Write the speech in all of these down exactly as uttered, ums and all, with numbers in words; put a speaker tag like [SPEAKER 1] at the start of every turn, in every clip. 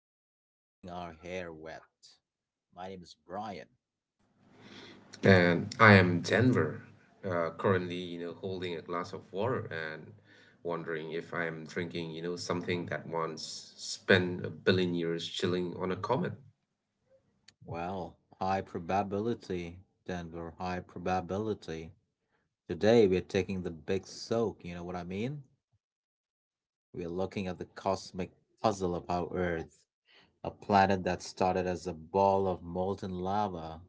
[SPEAKER 1] without getting our hair wet. My name is Brian.
[SPEAKER 2] And I am Denver, uh, currently, you know, holding a glass of water and wondering if I am drinking, you know, something that once spent a billion years chilling on a comet.
[SPEAKER 1] Well, high probability, Denver, high probability. Today, we're taking the big soak, you know what I mean? We're looking at the cosmic puzzle of our Earth, a planet that started as a ball of molten lava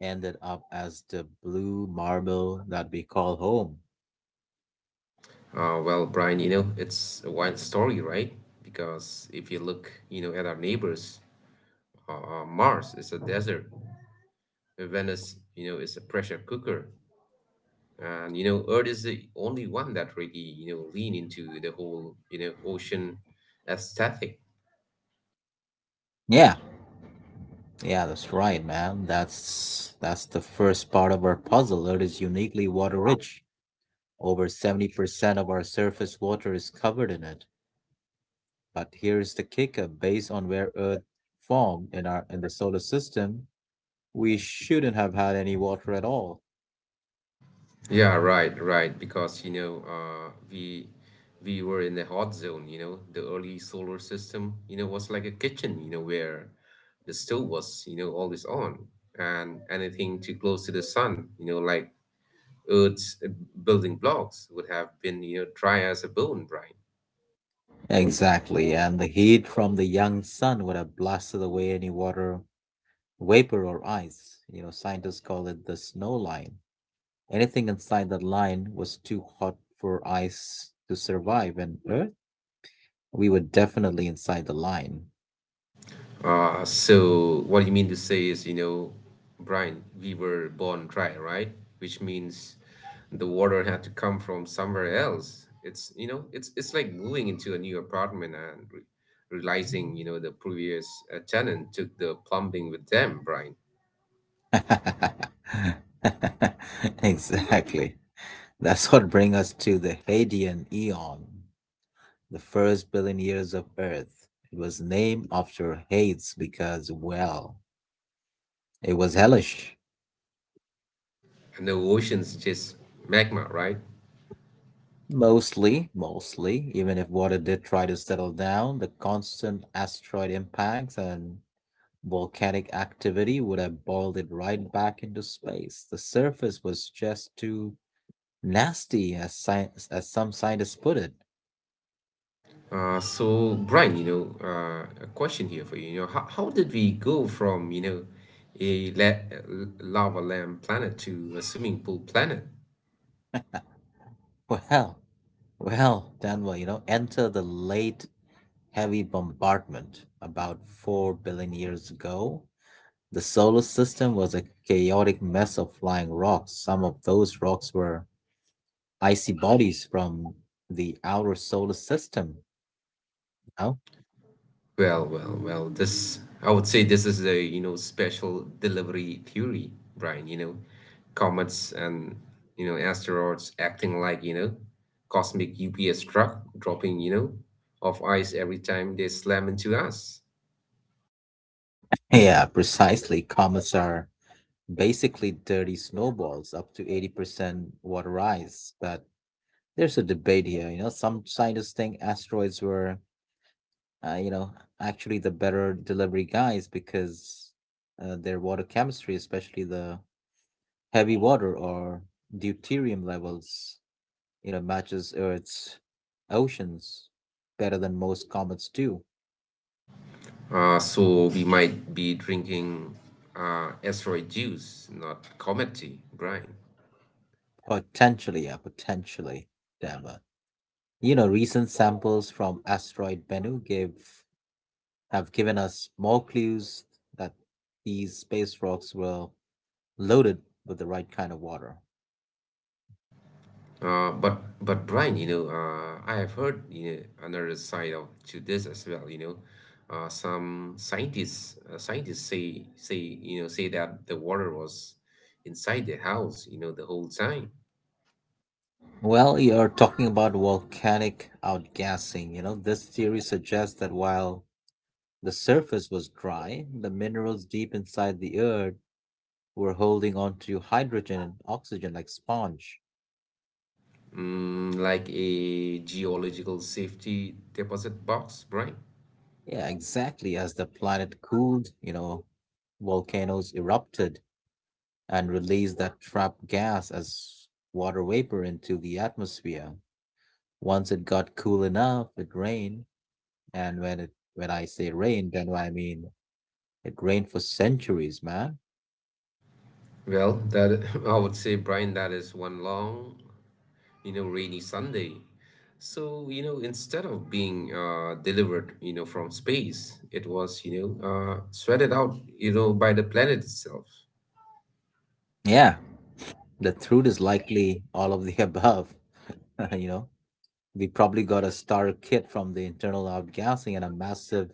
[SPEAKER 1] ended up as the blue marble that we call home.
[SPEAKER 2] Uh, well, Brian, you know, it's a wild story, right? Because if you look, you know, at our neighbors, uh, uh, Mars is a desert. Venice, you know, is a pressure cooker. And, you know, Earth is the only one that really, you know, lean into the whole, you know, ocean aesthetic.
[SPEAKER 1] Yeah, yeah, that's right, man. That's that's the first part of our puzzle. It is uniquely water rich. Over seventy percent of our surface water is covered in it. But here's the kicker, based on where Earth formed in our in the solar system, we shouldn't have had any water at all.
[SPEAKER 2] Yeah, right, right. Because you know, uh, we we were in the hot zone. You know, the early solar system, you know, was like a kitchen, You know, where the stove was, you know, always on, and anything too close to the sun, you know, like Earth's uh, building blocks would have been, you know, dry as a bone, Brian.
[SPEAKER 1] Exactly, and the heat from the young sun would have blasted away any water vapor or ice. You know, scientists call it the snow line. Anything inside that line was too hot for ice to survive, and Earth, we were definitely inside the line.
[SPEAKER 2] Uh, so what you mean to say is, you know, Brian, we were born dry, right? Which means the water had to come from somewhere else. It's, you know, it's it's like moving into a new apartment and re- realizing, you know, the previous uh, tenant took the plumbing with them, Brian.
[SPEAKER 1] Exactly. That's what brings us to the Hadean Eon. The first billion years of Earth. It was named after Hades because, well, it was hellish.
[SPEAKER 2] And the ocean's just magma, right?
[SPEAKER 1] Mostly, mostly, even if water did try to settle down, the constant asteroid impacts and volcanic activity would have boiled it right back into space. The surface was just too nasty, as, science, as some scientists put it.
[SPEAKER 2] Uh, so, Brian, you know, uh, a question here for you. You know, how, how did we go from, you know, a la- lava lamp planet to a swimming pool planet?
[SPEAKER 1] Well, well, Danwa, you know, enter the late heavy bombardment about four billion years ago. The solar system was a chaotic mess of flying rocks. Some of those rocks were icy bodies from the outer solar system. You.
[SPEAKER 2] Well, well, well, this, I would say, this is a, you know, special delivery theory, Brian, you know, comets and, you know, asteroids acting like, you know, cosmic U P S truck dropping, you know, off ice every time they slam into us.
[SPEAKER 1] Yeah, precisely. Comets are basically dirty snowballs, up to eighty percent waterized. But there's a debate here. You know, some scientists think asteroids were, uh, you know, actually the better delivery guys because uh, their water chemistry, especially the heavy water or deuterium levels, you know, matches Earth's oceans better than most comets do.
[SPEAKER 2] Uh, so we might be drinking, uh, asteroid juice, not comet tea, Brian.
[SPEAKER 1] Potentially, yeah, potentially, Dama. You know, recent samples from asteroid Bennu give have given us more clues that these space rocks were loaded with the right kind of water.
[SPEAKER 2] Uh, but but, Brian, you know, uh, I have heard, you know, another side of to this as well. You know, uh, some scientists uh, scientists say say you know say that the water was inside the house, you know, the whole time.
[SPEAKER 1] Well, you're talking about volcanic outgassing. You know, this theory suggests that while the surface was dry, the minerals deep inside the earth were holding on to hydrogen and oxygen like sponge.
[SPEAKER 2] Mm, like a geological safety deposit box, Brian.
[SPEAKER 1] Yeah, exactly. As the planet cooled, you know, volcanoes erupted and released that trapped gas as water vapor into the atmosphere. Once it got cool enough, it rained. And when it when I say rained, then I mean it rained for centuries, man.
[SPEAKER 2] Well, that I would say, Brian, that is one long, you know rainy Sunday. So, you know instead of being, uh, delivered, you know from space, it was, you know uh, sweated out, you know by the planet itself.
[SPEAKER 1] Yeah, the truth is likely all of the above. You know, we probably got a starter kit from the internal outgassing and a massive,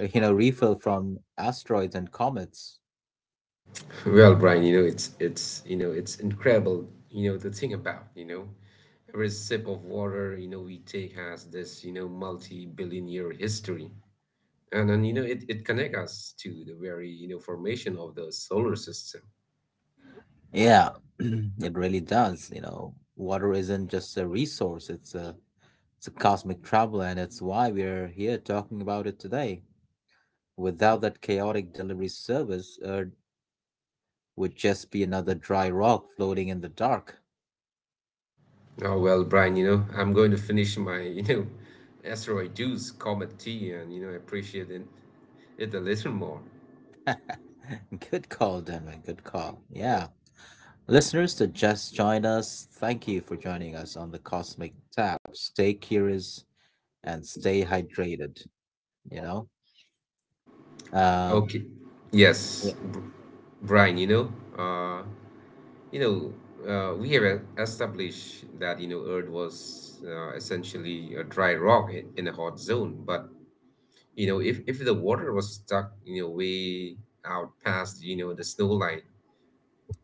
[SPEAKER 1] uh, you know, refill from asteroids and comets.
[SPEAKER 2] Well, Brian, you know it's it's you know it's incredible, you know to think about, you know every sip of water, you know we take has this, you know multi-billion year history. And then, you know it, it connects us to the very, you know formation of the solar system.
[SPEAKER 1] Yeah, it really does. You know, water isn't just a resource; it's a it's a cosmic traveler, and it's why we're here talking about it today. Without that chaotic delivery service, Earth would just be another dry rock floating in the dark.
[SPEAKER 2] Oh well, Brian, you know, I'm going to finish my, you know, asteroid juice, comet tea, and, you know, appreciate it, it a little more.
[SPEAKER 1] Good call, Denman. Good call. Yeah. Listeners that just joined us, thank you for joining us on the Cosmic Tap. Stay curious and stay hydrated, you know? Um,
[SPEAKER 2] Okay. Yes,
[SPEAKER 1] yeah.
[SPEAKER 2] Br- Brian, you know, uh, you know, uh, we have e- established that, you know, Earth was, uh, essentially a dry rock i- in a hot zone. But, you know, if, if the water was stuck, you know, way out past, you know, the snow line,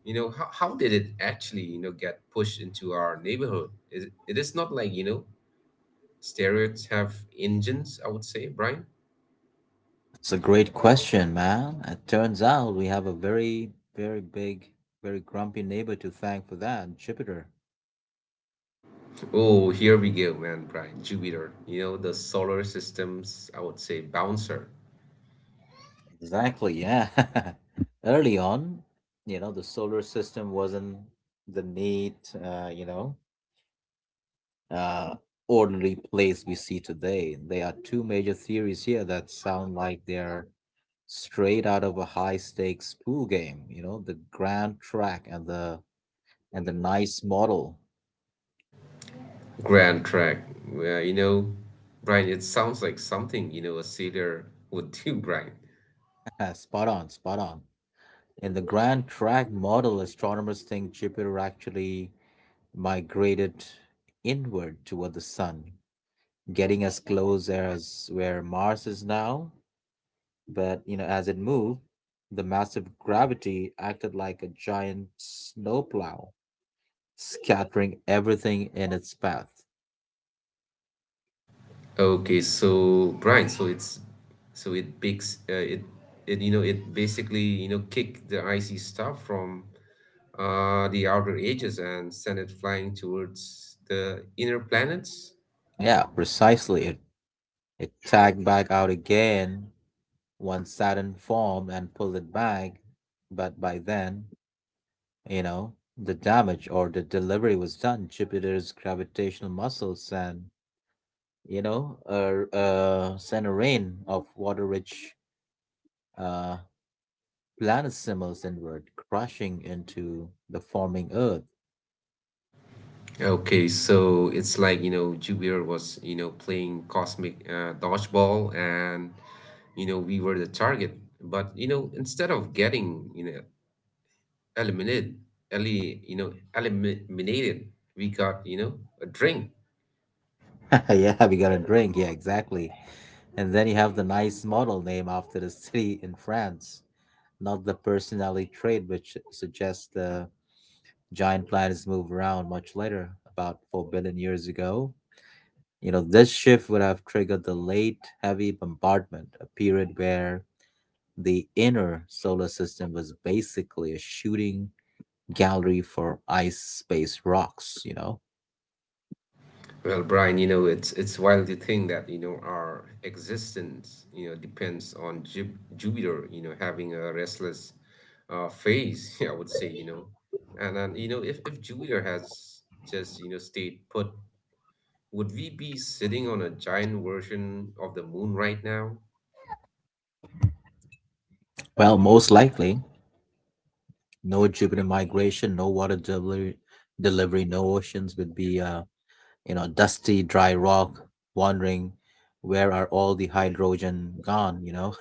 [SPEAKER 2] you know how, how did it actually, you know get pushed into our neighborhood. It it is not like, you know steroids have engines, I would say, Brian.
[SPEAKER 1] It's a great question, man. It turns out we have a very, very big, very grumpy neighbor to thank for that, Jupiter.
[SPEAKER 2] Oh, here we go, man. Brian, Jupiter, you know the solar system's, I would say, bouncer.
[SPEAKER 1] Exactly, yeah. Early on, you know, the solar system wasn't the neat, uh, you know, uh, ordinary plays we see today. There are two major theories here that sound like they're straight out of a high stakes pool game. You know, the grand track and the and the nice model.
[SPEAKER 2] Grand track. Well, you know Brian, it sounds like something, you know a sailor would do, Brian.
[SPEAKER 1] Spot on, spot on. In the grand track model, astronomers think Jupiter actually migrated inward toward the sun, getting as close as where Mars is now, but you know, as it moved, the massive gravity acted like a giant snowplow, scattering everything in its path.
[SPEAKER 2] Okay, so, Brian, so it's so it bakes uh, it it you know it basically, you know kick the icy stuff from, uh, the outer edges and send it flying towards the inner planets.
[SPEAKER 1] Yeah, precisely. It it tagged back out again once Saturn formed and pulled it back. But by then, you know, the damage or the delivery was done. Jupiter's gravitational muscles and you know uh, uh sent a rain of water rich uh planet simmers inward, crashing into the forming Earth.
[SPEAKER 2] Okay, so it's like, you know, Jupiter was, you know, playing cosmic, uh, dodgeball and, you know, we were the target. But, you know, instead of getting, you know, eliminated, eli- you know, eliminated, we got, you know, a drink.
[SPEAKER 1] Yeah, we got a drink. Yeah, exactly. And then you have the nice model name after the city in France, not the personality trait, which suggests the giant planets move around much later, about four billion years ago. You know, this shift would have triggered the late heavy bombardment, a period where the inner solar system was basically a shooting gallery for ice space rocks, you know?
[SPEAKER 2] Well, Brian, you know, it's it's wild to think that, you know, our existence, you know, depends on Ju- Jupiter, you know, having a restless, uh, phase, I would say, you know. And and, you know, if if Jupiter has just, you know, stayed put, would we be sitting on a giant version of the moon right now?
[SPEAKER 1] Well, most likely, no Jupiter migration, no water delivery, delivery no oceans. Would be uh, you know, dusty, dry rock, wondering where are all the hydrogen gone, you know?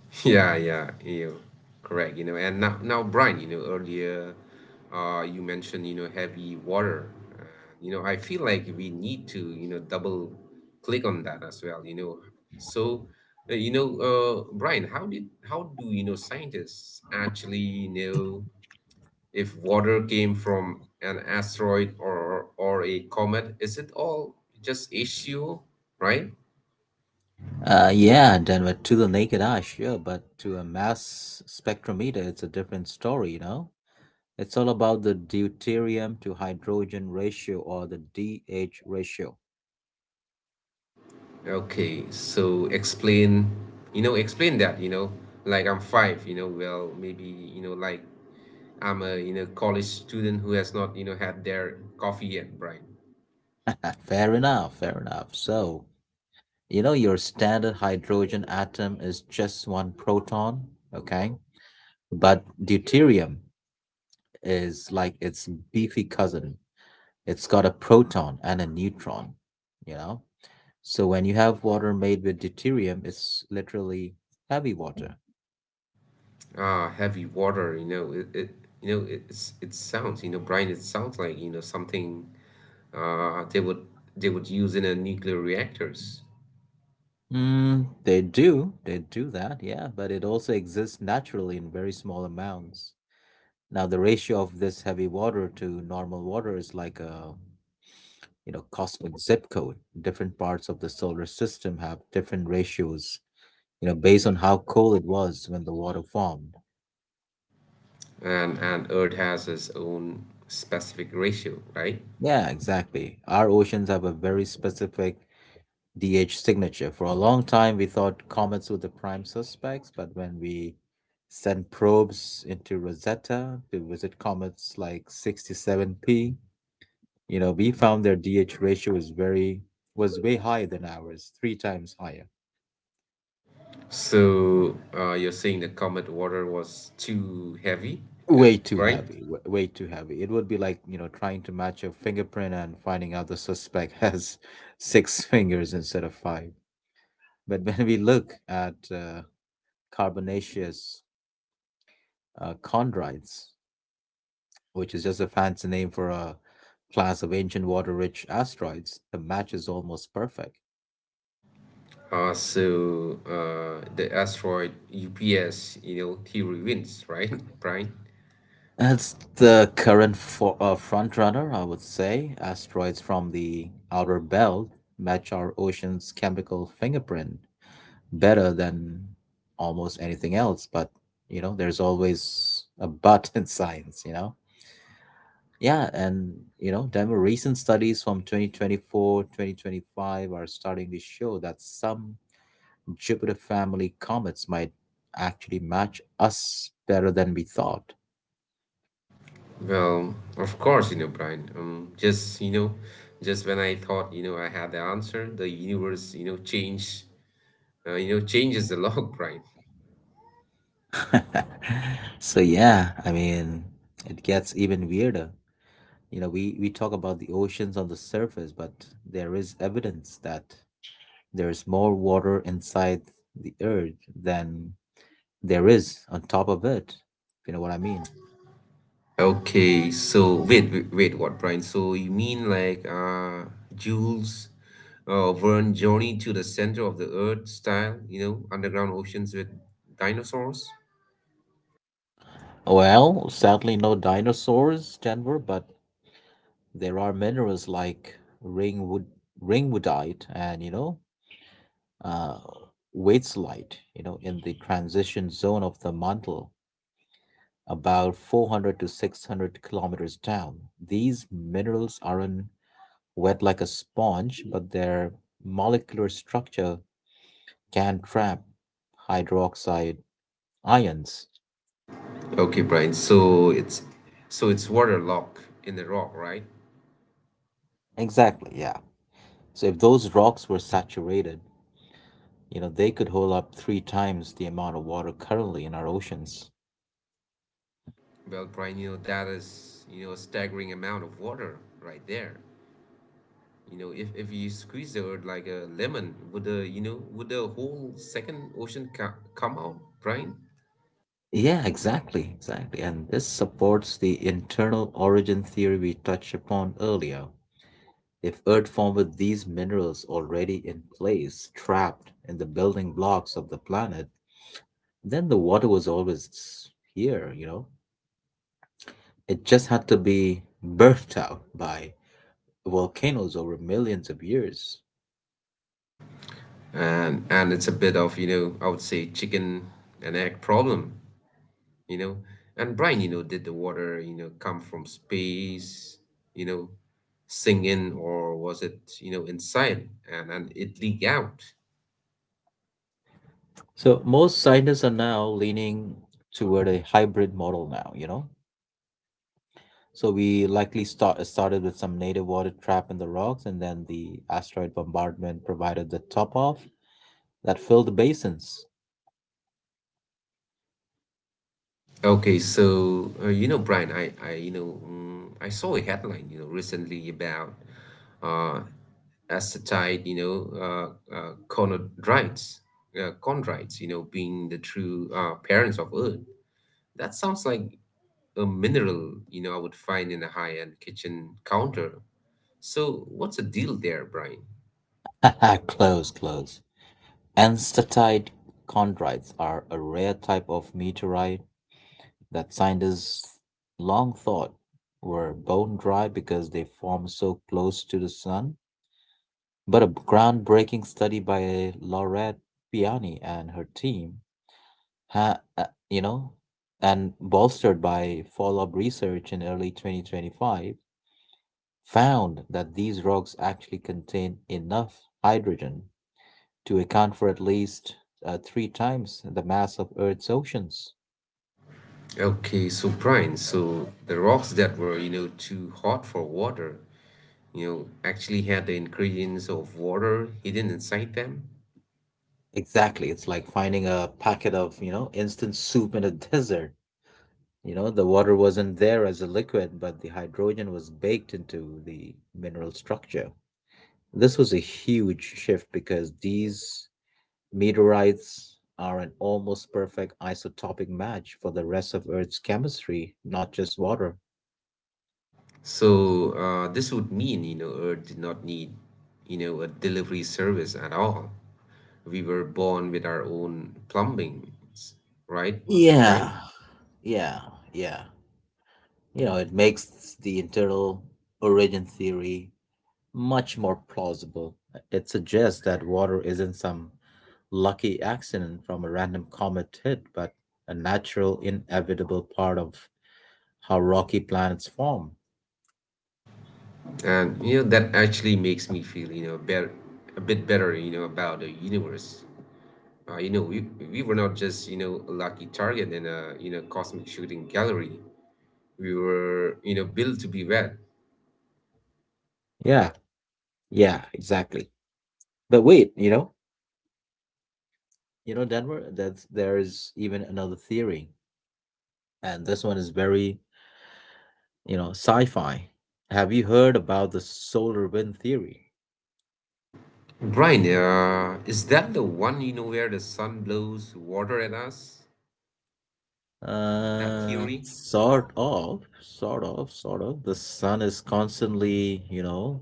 [SPEAKER 2] Yeah, yeah, you correct, you know. And now, now, Brian, you know, earlier, uh, you mentioned, you know, heavy water. Uh, you know, I feel like we need to, you know, double click on that as well, you know. So, uh, you know, uh, Brian, how did, how do, you know, scientists actually know if water came from an asteroid or or a comet? Is it all just issue, right?
[SPEAKER 1] uh, yeah, Denver, to the naked eye, sure, but to a mass spectrometer, it's a different story, you know? It's all about the deuterium to hydrogen ratio, or the D H ratio.
[SPEAKER 2] Okay, so explain, you know, explain that, you know, like I'm five, you know, well, maybe, you know, like I'm a, you know, college student who has not, you know, had their coffee yet, Brian.
[SPEAKER 1] Fair enough, fair enough. So, you know, your standard hydrogen atom is just one proton, okay? But deuterium is like its beefy cousin. It's got a proton and a neutron, you know? So when you have water made with deuterium, it's literally heavy water.
[SPEAKER 2] Ah, heavy water, you know, it, it you know, it, it's, it sounds, you know, Brian, it sounds like, you know, something, uh, they would, they would use in a nuclear reactors.
[SPEAKER 1] Mm, they do. They do that, yeah, but it also exists naturally in very small amounts. Now, the ratio of this heavy water to normal water is like a, you know, cosmic zip code. Different parts of the solar system have different ratios, you know, based on how cold it was when the water formed.
[SPEAKER 2] And, and, Earth has its own specific ratio, right?
[SPEAKER 1] Yeah, exactly. Our oceans have a very specific D H signature. For a long time, we thought comets were the prime suspects, but when we sent probes into Rosetta to visit comets like sixty seven P, you know, we found their D H ratio is very was way higher than ours, three times higher.
[SPEAKER 2] So, uh, you're saying the comet water was too heavy, uh,
[SPEAKER 1] Way too
[SPEAKER 2] right?
[SPEAKER 1] heavy, w- way too heavy. It would be like, you know, trying to match a fingerprint and finding out the suspect has six fingers instead of five. But when we look at uh, carbonaceous uh, chondrites, which is just a fancy name for a class of ancient water rich asteroids. The match is almost perfect.
[SPEAKER 2] Uh, so uh, the asteroid U P S, you know, theory wins, right, Brian?
[SPEAKER 1] That's the current for, uh, front runner, I would say. Asteroids from the outer belt match our ocean's chemical fingerprint better than almost anything else. But, you know, there's always a but in science, you know? Yeah, and, you know, demo recent studies from twenty twenty four, twenty twenty five are starting to show that some Jupiter family comets might actually match us better than we thought.
[SPEAKER 2] Well, of course, you know, Brian. Um, just you know, just when I thought, you know I had the answer, the universe, you know, change, uh, you know, changes the log, Brian.
[SPEAKER 1] So yeah, I mean, it gets even weirder. You know, we we talk about the oceans on the surface, but there is evidence that there is more water inside the earth than there is on top of it. If you know what I mean.
[SPEAKER 2] Okay, so wait, wait, wait, what, Brian? So you mean like, uh Jules, uh Verne journey to the center of the earth style, you know, underground oceans with dinosaurs?
[SPEAKER 1] Well, sadly, no dinosaurs, Denver, but there are minerals like ringwood ringwoodite, and you know, uh, waits light, you know, in the transition zone of the mantle, about four hundred to six hundred kilometers down. These minerals aren't wet like a sponge, but their molecular structure can trap hydroxide ions.
[SPEAKER 2] Okay, Brian. So it's so it's water locked in the rock, right?
[SPEAKER 1] Exactly, yeah. So if those rocks were saturated, you know, they could hold up three times the amount of water currently in our oceans.
[SPEAKER 2] Well, Brian, you know that is, you know a staggering amount of water right there. You know, if if you squeeze the earth like a lemon, would the you know would the whole second ocean ca- come out, Brian?
[SPEAKER 1] Yeah, exactly, exactly. And this supports the internal origin theory we touched upon earlier. If Earth formed with these minerals already in place, trapped in the building blocks of the planet, then the water was always here, you know? It just had to be birthed out by volcanoes over millions of years.
[SPEAKER 2] and and it's a bit of, you know I would say, chicken and egg problem, you know and Brian, you know did the water, you know come from space, you know sink in, or was it, you know inside, and and it leak out?
[SPEAKER 1] So most scientists are now leaning toward a hybrid model now, you know? So we likely start uh, started with some native water trapped in the rocks, and then the asteroid bombardment provided the top off that filled the basins.
[SPEAKER 2] Okay, so, uh, you know Brian, I I, you know mm, I saw a headline, you know recently about, uh acetyl, you know uh, uh chondrites uh, chondrites, you know being the true, uh, parents of earth. That sounds like a mineral, you know, I would find in a high-end kitchen counter. So what's the deal there, Brian?
[SPEAKER 1] Close, close. Enstatite chondrites are a rare type of meteorite that scientists long thought were bone dry because they form so close to the sun. But a groundbreaking study by Laurette Piani and her team ha, uh, you know, and bolstered by follow-up research in early twenty twenty-five, found that these rocks actually contain enough hydrogen to account for at least uh, three times the mass of Earth's oceans.
[SPEAKER 2] Okay, so, Brian, so the rocks that were, you know, too hot for water, you know, actually had the ingredients of water hidden inside them.
[SPEAKER 1] Exactly, it's like finding a packet of, you know, instant soup in a desert. You know, the water wasn't there as a liquid, but the hydrogen was baked into the mineral structure. This was a huge shift because these meteorites are an almost perfect isotopic match for the rest of Earth's chemistry, not just water.
[SPEAKER 2] So, uh, this would mean, you know, Earth did not need, you know, a delivery service at all. We were born with our own plumbing, right,
[SPEAKER 1] Yeah,
[SPEAKER 2] Brian?
[SPEAKER 1] yeah, yeah. You know, it makes the internal origin theory much more plausible. It suggests that water isn't some lucky accident from a random comet hit, but a natural, inevitable part of how rocky planets form.
[SPEAKER 2] And, you know that actually makes me feel, you know better, a bit better, you know about the universe. Uh, you know we we were not just, you know a lucky target in a, you know cosmic shooting gallery. We were, you know built to be wet.
[SPEAKER 1] Yeah, yeah, exactly. But wait, you know, you know, Denver, that there is even another theory, and this one is very, you know, sci-fi. Have you heard about the solar wind theory?
[SPEAKER 2] Brian, uh, is that the one, you know where the sun blows water at us? That
[SPEAKER 1] Uh,
[SPEAKER 2] theory?
[SPEAKER 1] sort of, sort of, Sort of. The sun is constantly, you know,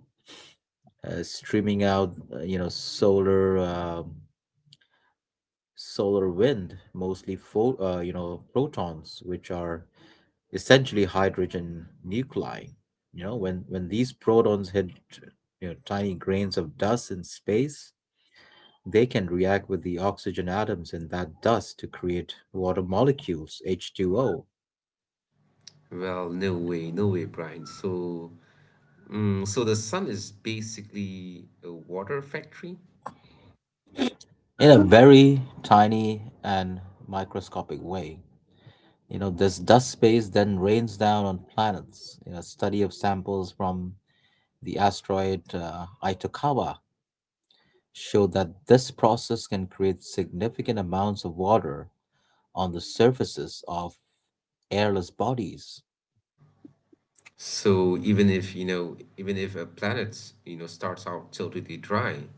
[SPEAKER 1] uh, streaming out, uh, you know, solar, um, solar wind, mostly, pho- uh, you know, protons, which are essentially hydrogen nuclei. You know, when when these protons hit you know tiny grains of dust in space, they can react with the oxygen atoms in that dust to create water molecules, H two O,
[SPEAKER 2] Well, no way, no way, Brian. So, mm, so the sun is basically a water factory.
[SPEAKER 1] in a very tiny and microscopic way. You know, this dust space then rains down on planets. You know, a study of samples from the asteroid uh, Itokawa showed that this process can create significant amounts of water on the surfaces of airless bodies.
[SPEAKER 2] So, even if, you know, even if a planet, you know, starts out totally dry,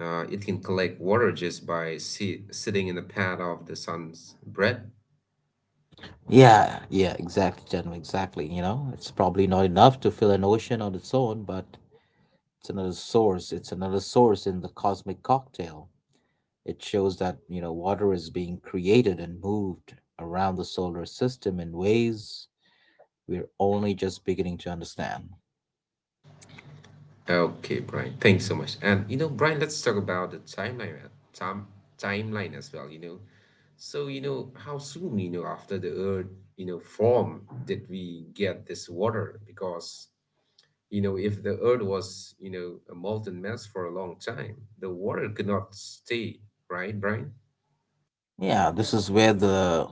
[SPEAKER 2] uh, it can collect water just by, si sitting in the pad of the sun's breath.
[SPEAKER 1] Yeah, yeah, exactly, gentlemen, exactly. You know, it's probably not enough to fill an ocean on its own, but it's another source. It's another source in the cosmic cocktail. It shows that, you know, water is being created and moved around the solar system in ways we're only just beginning to understand.
[SPEAKER 2] Okay, Brian, thanks so much. And, you know, Brian, let's talk about the timeline, uh, time timeline as well, you know. So, you know, how soon, you know, after the Earth, you know, form did we get this water? Because, You know, if the earth was, you know, a molten mass for a long time, the water could not stay, right, Brian?
[SPEAKER 1] Yeah, this is where the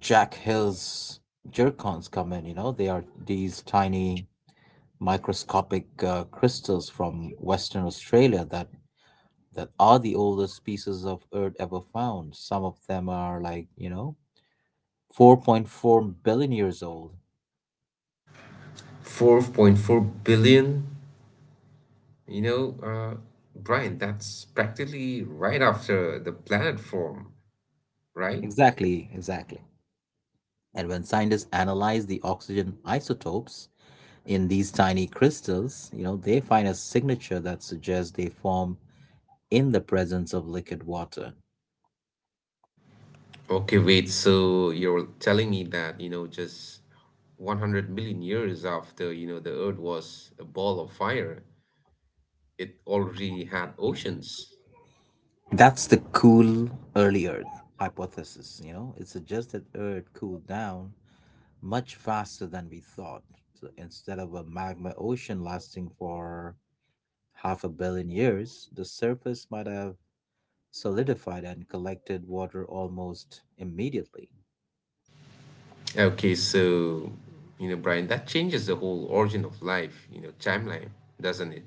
[SPEAKER 1] Jack Hill's jerkons come in, you know. They are these tiny microscopic uh, crystals from Western Australia that that are the oldest pieces of earth ever found. Some of them are like, you know, four point four billion years old.
[SPEAKER 2] four point four billion, you know, uh, Brian, that's practically right after the planet formed, right?
[SPEAKER 1] Exactly, exactly. And when scientists analyze the oxygen isotopes in these tiny crystals, you know, they find a signature that suggests they form in the presence of liquid water.
[SPEAKER 2] Okay, wait, so you're telling me that, you know, just one hundred million years after, you know, the earth was a ball of fire, it already had oceans.
[SPEAKER 1] That's the cool early Earth hypothesis, you know. It suggests that Earth cooled down much faster than we thought. So instead of a magma ocean lasting for half a billion years, the surface might have solidified and collected water almost immediately.
[SPEAKER 2] Okay, so, you know, Brian, that changes the whole origin of life, you know, timeline, doesn't it?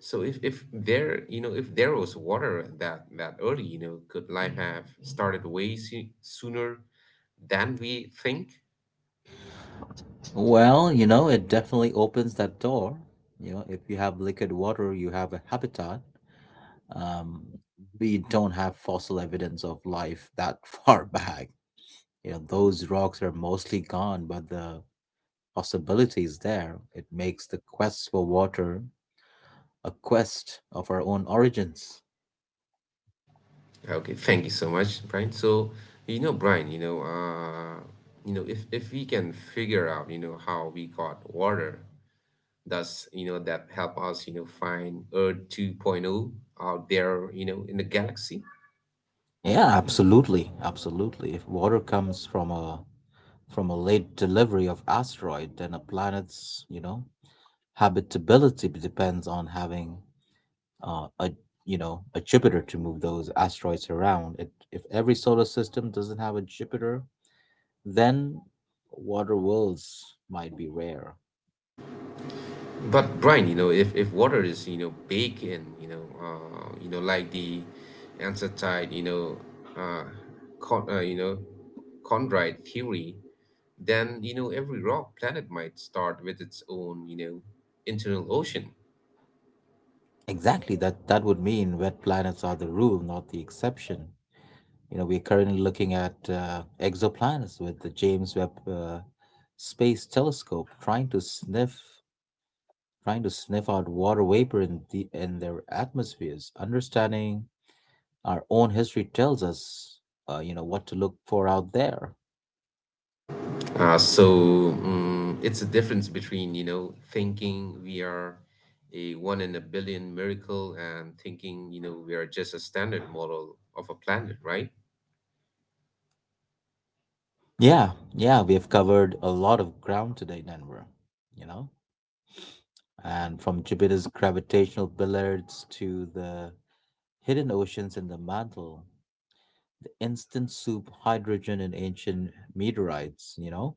[SPEAKER 2] So if, if there, you know, if there was water that that early, you know, could life have started way soo- sooner than we think?
[SPEAKER 1] Well, you know, it definitely opens that door. You know, if you have liquid water, you have a habitat. Um, we don't have fossil evidence of life that far back. You know, those rocks are mostly gone, but the possibility is there. It makes the quest for water a quest of our own origins.
[SPEAKER 2] Okay, thank you so much, Brian. So, you know, Brian, you know, uh, you know, if if we can figure out, you know, how we got water, does, you know, that help us, you know, find Earth 2.0 out there, you know, in the galaxy?
[SPEAKER 1] Yeah, absolutely, absolutely. If water comes from a from a late delivery of asteroid, then a planet's you know habitability depends on having uh, a you know a Jupiter to move those asteroids around. It, if every solar system doesn't have a Jupiter, then water worlds might be rare.
[SPEAKER 2] But Brian, you know, if, if water is, you know, baked in, you know, uh, you know, like the ancestide, you know, uh, con- uh, you know, chondrite theory, then, you know, every rock planet might start with its own, you know, internal ocean.
[SPEAKER 1] Exactly that that would mean wet planets are the rule, not the exception. You know, we're currently looking at uh, exoplanets with the James Webb uh, Space Telescope, trying to sniff trying to sniff out water vapor in the in their atmospheres. Understanding our own history tells us, uh, you know, what to look for out there.
[SPEAKER 2] Uh, so mm it's a difference between, you know, thinking we are a one in a billion miracle and thinking, you know, we are just a standard model of a planet, right?
[SPEAKER 1] Yeah, yeah, we have covered a lot of ground today, Denver. You know, and from Jupiter's gravitational billiards to the hidden oceans in the mantle, the instant soup hydrogen and ancient meteorites, you know?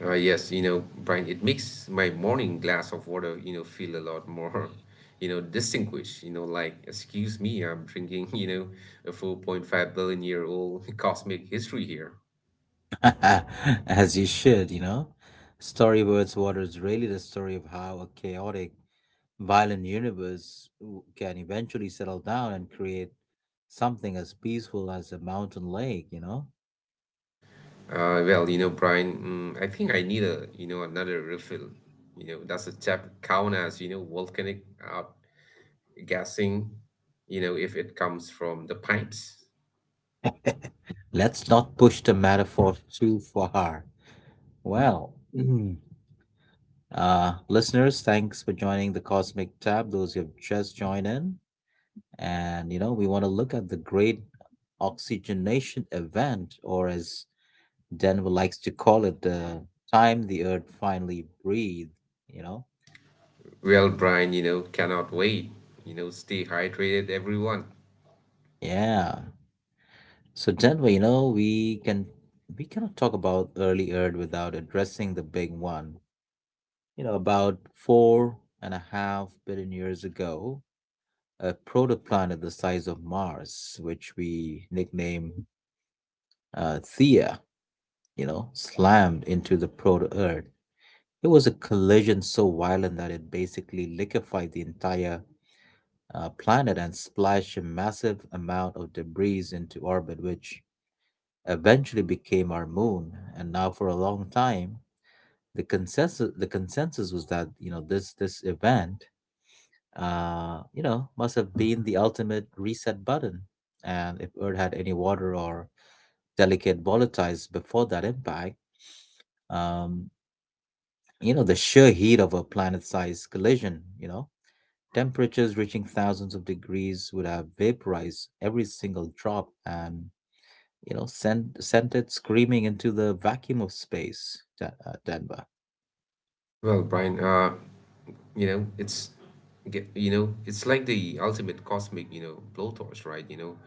[SPEAKER 2] Uh, yes, you know, Brian, it makes my morning glass of water, you know, feel a lot more, you know, distinguished, you know, like, excuse me, I'm drinking, you know, a four point five billion year old cosmic history here.
[SPEAKER 1] As you should, you know? Story Words Water is really the story of how a chaotic, violent universe w- can eventually settle down and create something as peaceful as a mountain lake, you know?
[SPEAKER 2] Uh, well, you know, Brian, mm, I think I need a, you know, another refill. You know, does a tap count as, you know, volcanic out gassing, you know, if it comes from the pipes?
[SPEAKER 1] Let's not push the metaphor too far. Well, uh, listeners, thanks for joining the Cosmic Tab. Those who have just joined in, and, you know, we want to look at the Great Oxygenation Event, or as Denver likes to call it, the time the Earth finally breathed, you know?
[SPEAKER 2] Well, Brian, you know, cannot wait. You know, stay hydrated, everyone.
[SPEAKER 1] Yeah. So Denver, you know, we can we cannot talk about early Earth without addressing the big one. You know, about four and a half billion years ago, a protoplanet the size of Mars, which we nickname uh, Theia. You know, slammed into the proto Earth. It was a collision so violent that it basically liquefied the entire uh, planet and splashed a massive amount of debris into orbit, which eventually became our moon. And now, for a long time, the consensus the consensus was that you know this this event uh, you know must have been the ultimate reset button. And if Earth had any water or delicate volatiles before that impact, um, you know the sheer heat of a planet-sized collision, you know temperatures reaching thousands of degrees would have vaporized every single drop and, you know, sent, sent it screaming into the vacuum of space, Da- uh, Denver.
[SPEAKER 2] Well, Brian, uh, You know, it's get you know, it's like the ultimate cosmic, you know, blowtorch, right? You know,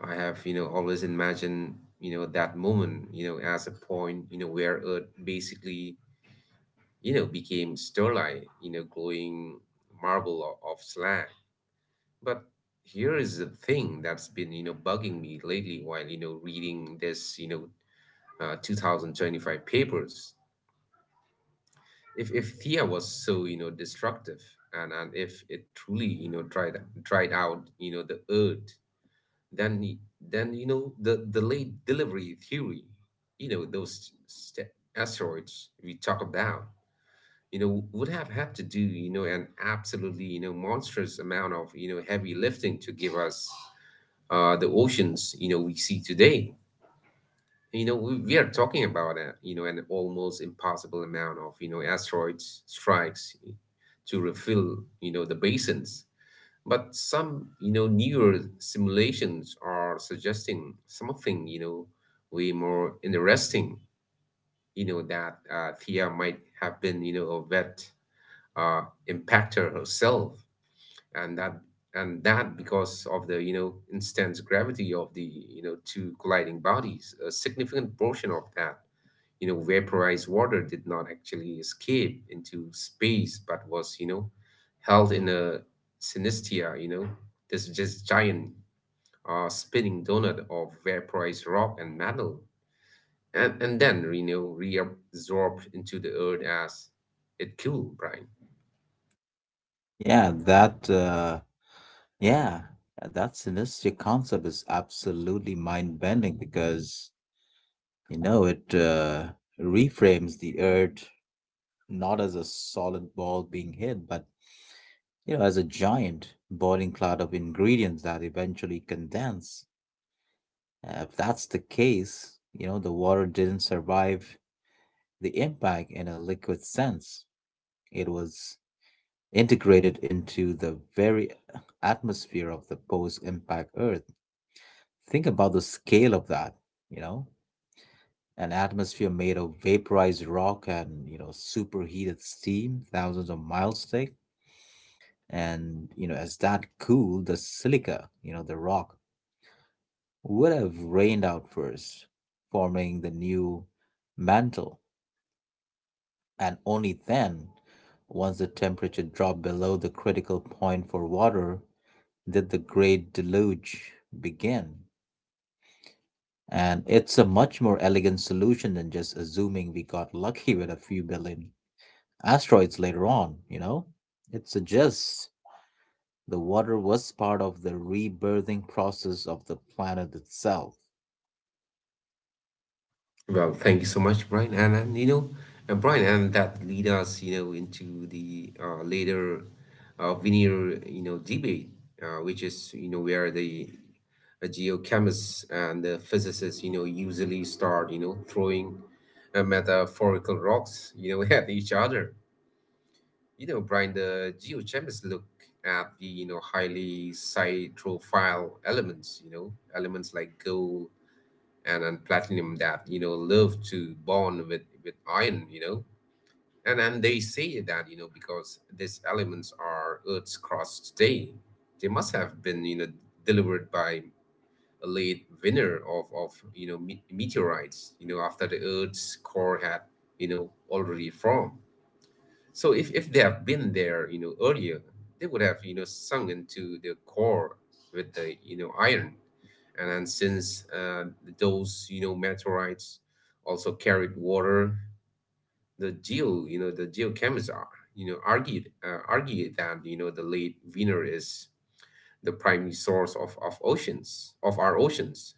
[SPEAKER 2] I have, you know, always imagined, you know, that moment, you know, as a point, you know, where Earth basically, you know, became starlight, you know, glowing marble of, of slag. But here is the thing that's been, you know, bugging me lately while, you know, reading this, you know, uh, two thousand twenty-five papers. If if Thea was so, you know destructive, and and if it truly, you know tried tried out, you know the Earth, then y- then, you know the the late delivery theory, you know those st- asteroids we talk about, you know would have had to do, you know an absolutely, you know monstrous amount of, you know heavy lifting to give us, uh the oceans, you know we see today. you know we, we are talking about a, you know an almost impossible amount of, you know asteroids strikes to refill, you know the basins. But some, you know newer simulations are suggesting something, you know way more interesting, you know that uh, Thea might have been, you know a vet, uh, impactor herself. And that, and that because of the, you know intense gravity of the, you know two colliding bodies, a significant portion of that, you know, vaporized water did not actually escape into space, but was, you know, held in a synestia, you know, this just giant, uh, spinning donut of vaporized rock and metal, and, and then, you know, reabsorbed into the Earth as it cooled, Brian.
[SPEAKER 1] Yeah, that, uh, yeah, that synergistic concept is absolutely mind-bending because, you know, it uh, reframes the Earth not as a solid ball being hit, but you know, as a giant boiling cloud of ingredients that eventually condense. Uh, if that's the case, you know, the water didn't survive the impact in a liquid sense. It was integrated into the very atmosphere of the post impact Earth. Think about the scale of that, you know, an atmosphere made of vaporized rock and, you know, superheated steam thousands of miles thick. And, you know, as that cooled, the silica, you know, the rock would have rained out first, forming the new mantle and only then, once the temperature dropped below the critical point for water, did the Great Deluge begin. And it's a much more elegant solution than just assuming we got lucky with a few billion asteroids later on, you know? It suggests the water was part of the rebirthing process of the planet itself.
[SPEAKER 2] Well, thank you so much, Brian. And, and you know, and Brian, and that lead us, you know, into the, uh, later, uh, veneer, you know, debate, uh, which is, you know, where the, uh, geochemists and the physicists, you know, usually start, you know, throwing, uh, metaphorical rocks, you know, at each other. You know, Brian, the geochemists look at the, you know, highly cytophile elements, you know, elements like gold and and platinum that, you know love to bond with with iron, you know and and they say that, you know because these elements are Earth's crust today, they must have been, you know delivered by a late winner of of, you know me- meteorites, you know after the Earth's core had, you know already formed. So if, if they have been there, you know, earlier, they would have, you know, sunk into the core with the, you know, iron. And then since, uh, those, you know, meteorites also carried water, the geo, you know, the geochemists are, you know, argued uh, argue that, you know, the late Venus is the primary source of, of oceans, of our oceans.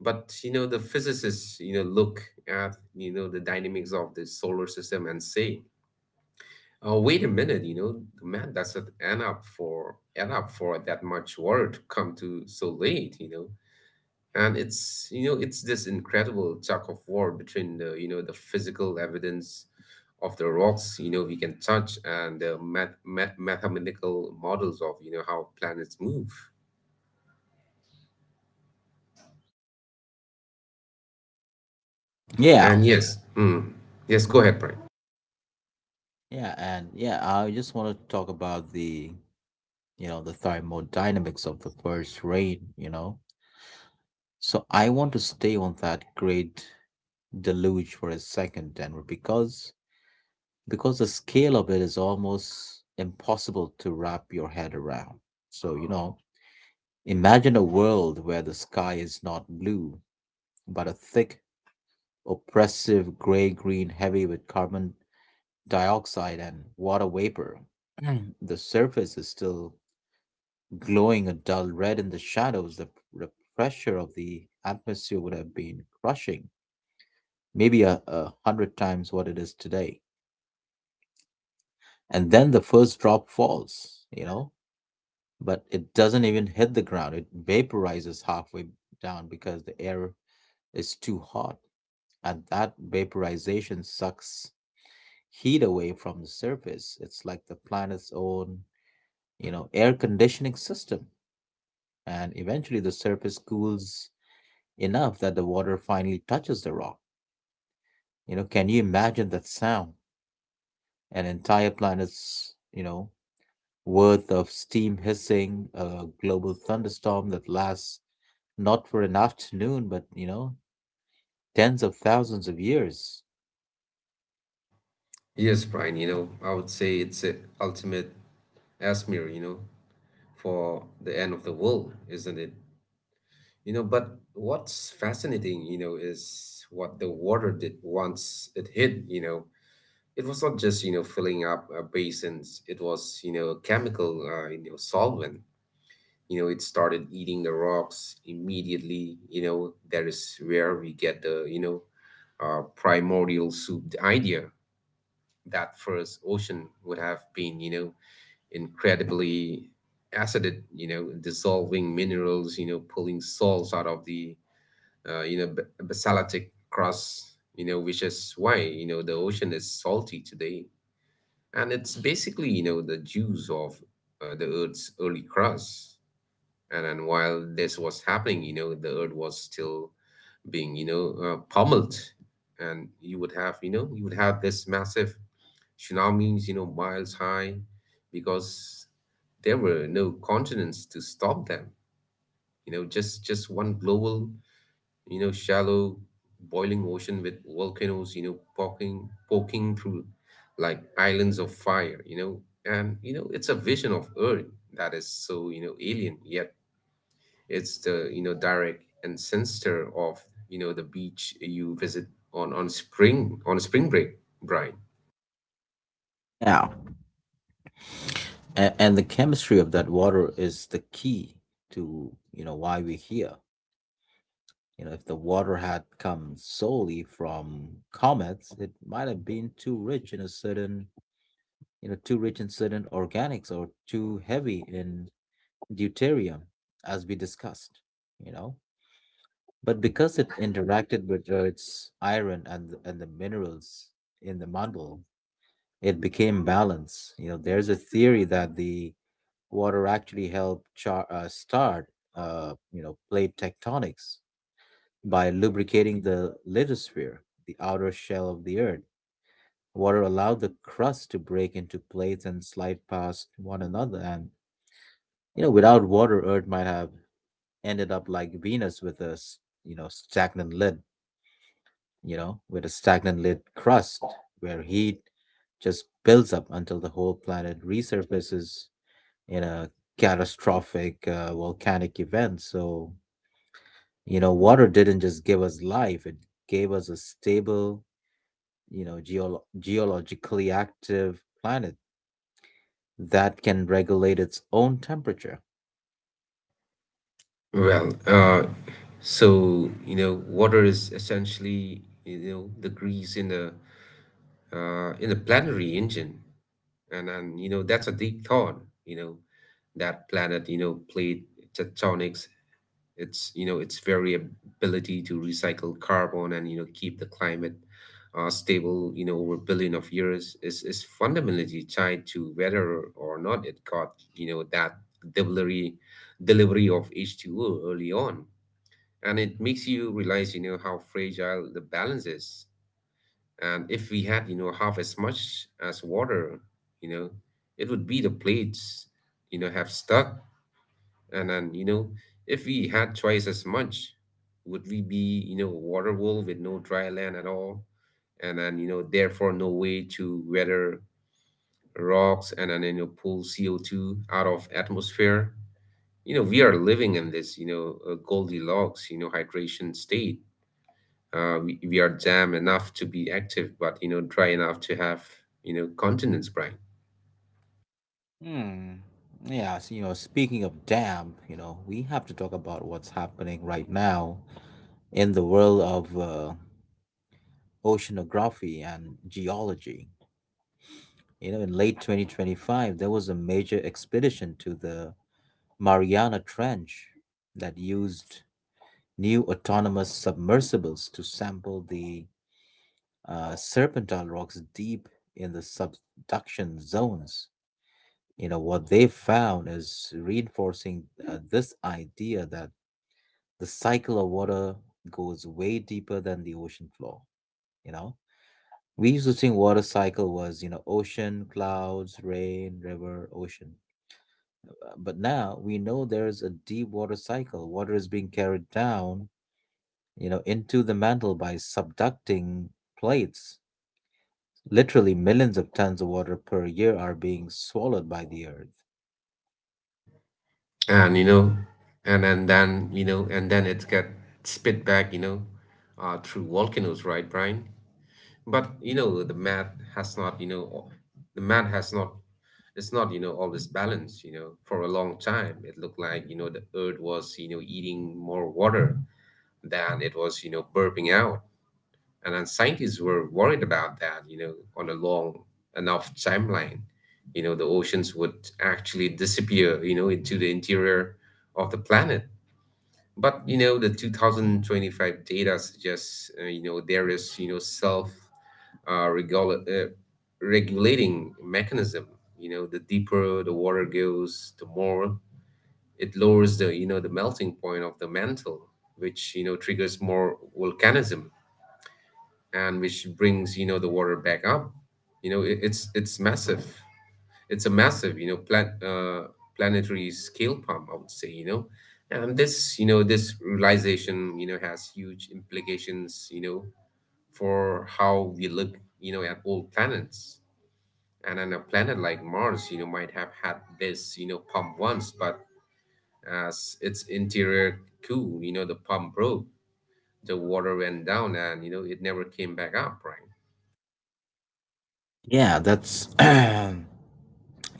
[SPEAKER 2] But, you know, the physicists, you know, look at, you know, the dynamics of the solar system and say, "Oh, wait a minute, you know, the map doesn't add up for add up for that much water to come to so late, you know. And it's you know, it's this incredible tug of war between the you know the physical evidence of the rocks, you know, we can touch, and the math, math, mathematical models of, you know how planets move.
[SPEAKER 1] Yeah.
[SPEAKER 2] And yes, mm, yes, go ahead, Brian.
[SPEAKER 1] Yeah, and yeah, I just want to talk about the, you know, the thermodynamics of the first rain, you know? So I want to stay on that great deluge for a second, Denver, because because the scale of it is almost impossible to wrap your head around. So, you know, imagine a world where the sky is not blue, but a thick, oppressive gray-green heavy with carbon dioxide and water vapor. Mm. The surface is still glowing a dull red in the shadows. The, the pressure of the atmosphere would have been crushing maybe a, a hundred times what it is today. And then the first drop falls, you know, but it doesn't even hit the ground. It vaporizes halfway down because the air is too hot. And that vaporization sucks heat away from the surface. It's like the planet's own, you know, air conditioning system. And eventually the surface cools enough that the water finally touches the rock. You know, can you imagine that sound? An entire planet's, you know, worth of steam hissing, a global thunderstorm that lasts not for an afternoon, but, you know, tens of thousands of years.
[SPEAKER 2] Yes, Brian, you know, I would say it's a ultimate Asmir, you know, for the end of the world, isn't it? You know, but what's fascinating, you know, is what the water did once it hit, you know. It was not just, you know, filling up, uh, basins. It was, you know, chemical, uh, you know, solvent. You know, it started eating the rocks immediately. You know, that is where we get the, you know, uh, primordial soup idea, that first ocean would have been, you know, incredibly acidic, you know, dissolving minerals, you know, pulling salts out of the, uh, you know, b- basaltic crust, you know, which is why, you know, the ocean is salty today. And it's basically, you know, the juice of, uh, the Earth's early crust. And then while this was happening, you know, the Earth was still being, you know, uh, pummeled. And you would have, you know, you would have this massive tsunamis, you know, miles high, because there were no continents to stop them. You know, just just one global, you know, shallow boiling ocean with volcanoes, you know, poking poking through like islands of fire, you know. And you know, it's a vision of Earth that is so, you know, alien, yet it's the, you know, direct ancestor of, you know, the beach you visit on on spring on spring break, Brian.
[SPEAKER 1] Yeah. A- and the chemistry of that water is the key to, you know, why we're here. You know, if the water had come solely from comets, it might have been too rich in a certain, you know, too rich in certain organics or too heavy in deuterium, as we discussed, you know. But because it interacted with uh, its iron and th- and the minerals in the mantle, it became balanced. You know, there's a theory that the water actually helped char- uh, start, uh, you know, plate tectonics by lubricating the lithosphere, the outer shell of the Earth. Water allowed the crust to break into plates and slide past one another, and you know, without water, Earth might have ended up like Venus with a s- you know stagnant lid. You know, with a stagnant lid crust where heat just builds up until the whole planet resurfaces in a catastrophic uh, volcanic event. So, you know, water didn't just give us life, it gave us a stable, you know, geolo- geologically active planet that can regulate its own temperature.
[SPEAKER 2] Well, uh, so, you know, water is essentially, you know the grease in the, uh, in the planetary engine. and and, you know that's a deep thought, you know that planet, you know played tectonics, its, you know its variability to recycle carbon and, you know keep the climate, uh, stable, you know over a billion of years is is fundamentally tied to whether or not it got, you know that delivery delivery of H two O early on. And it makes you realize, you know how fragile the balance is. And if we had, you know, half as much as water, you know, it would be the plates, you know, have stuck. And then, you know, if we had twice as much, would we be, you know, a water world with no dry land at all? And then, you know, therefore no way to weather rocks, and then, you know, pull C O two out of atmosphere. You know, we are living in this, you know, uh, Goldilocks, you know, hydration state. uh, we, we are jam enough to be active, but, you know dry enough to have, you know continence brain.
[SPEAKER 1] Hmm. Yeah, so, you know, speaking of damp, you know, we have to talk about what's happening right now in the world of uh, oceanography and geology. You know, in late twenty twenty-five, there was a major expedition to the Mariana Trench that used new autonomous submersibles to sample the uh, serpentine rocks deep in the subduction zones. You know, what they found is reinforcing uh, this idea that the cycle of water goes way deeper than the ocean floor, you know? We used to think water cycle was you know ocean clouds rain river ocean. Uh, but now we know there's a deep water cycle, water is being carried down you know into the mantle by subducting plates, literally millions of tons of water per year are being swallowed by the earth.
[SPEAKER 2] And you know and and then, you know and then it get spit back, you know uh, through volcanoes, right Brian? But, you know the math has not, you know al- the math has not it's not, you know always balanced. You know for a long time, it looked like, you know the Earth was, you know eating more water than it was, you know burping out. And then scientists were worried about that, you know, on a long enough timeline, you know, the oceans would actually disappear, you know, into the interior of the planet. But, you know, the two thousand twenty-five data suggests, uh, you know, there is, you know, self, uh, regula- uh, regulating mechanism. You know, the deeper the water goes, the more it lowers the, you know, the melting point of the mantle, which, you know, triggers more volcanism, and which brings, you know the water back up. you know it, it's it's massive it's a massive, you know plan, uh, planetary scale pump, I would say, you know and this you know this realization, you know has huge implications, you know for how we look, you know at old planets. And then, a planet like Mars, you know might have had this, you know pump once, but as its interior cool, you know the pump broke. The water went down and, you know it never came back up, right?
[SPEAKER 1] Yeah, that's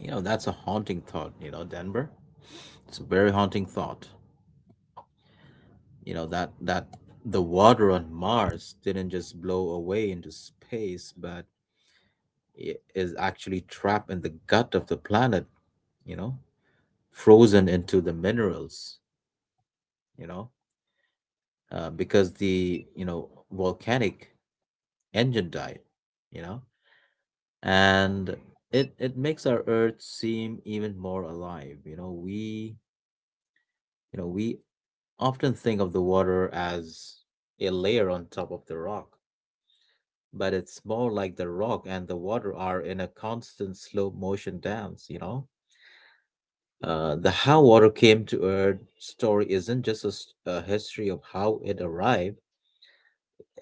[SPEAKER 1] you know that's a haunting thought you know Denver. It's a very haunting thought you know that that the water on Mars didn't just blow away into space but i- is actually trapped in the gut of the planet, you know, frozen into the minerals, you know, uh, because the, you know, volcanic engine died, you know, and it, it makes our Earth seem even more alive. You know, we, you know, we often think of the water as a layer on top of the rock, but it's more like the rock and the water are in a constant slow motion dance, you know? Uh, the How Water Came to Earth story isn't just a, s- a history of how it arrived.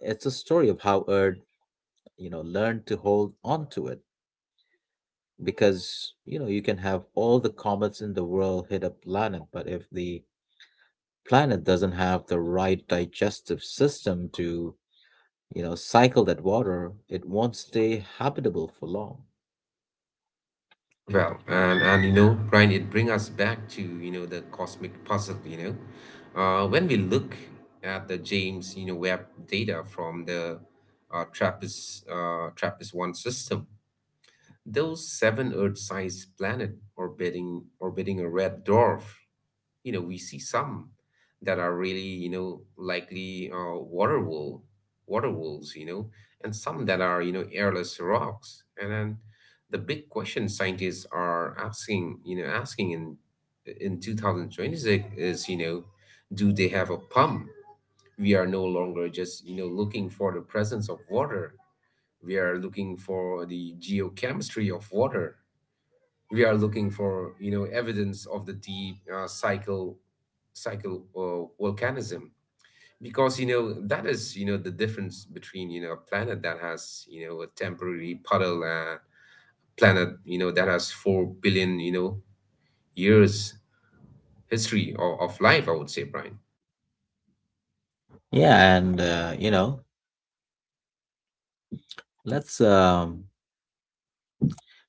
[SPEAKER 1] It's a story of how Earth, you know, learned to hold on to it. Because, you know, you can have all the comets in the world hit a planet, but if the planet doesn't have the right digestive system to, you know, cycle that water, it won't stay habitable for long.
[SPEAKER 2] Well, and and, you know, Brian, it brings us back to, you know the cosmic puzzle. You know, uh, when we look at the James, you know Webb data from the, uh, Trappist uh, Trappist One system, those seven Earth-sized planet orbiting orbiting a red dwarf. You know we see some that are really, you know likely, uh, water wool water wolves you know And some that are, you know airless rocks. And then the big question scientists are asking you know asking in in two thousand twenty-six is, you know do they have a pump? We are no longer just, you know looking for the presence of water. We are looking for the geochemistry of water. We are looking for, you know evidence of the deep, uh, cycle cycle, uh, volcanism. Because, you know that is, you know the difference between, you know a planet that has, you know a temporary puddle, and planet, you know that has four billion, you know years history of, of life, I would say, Brian.
[SPEAKER 1] Yeah, and uh, you know, let's um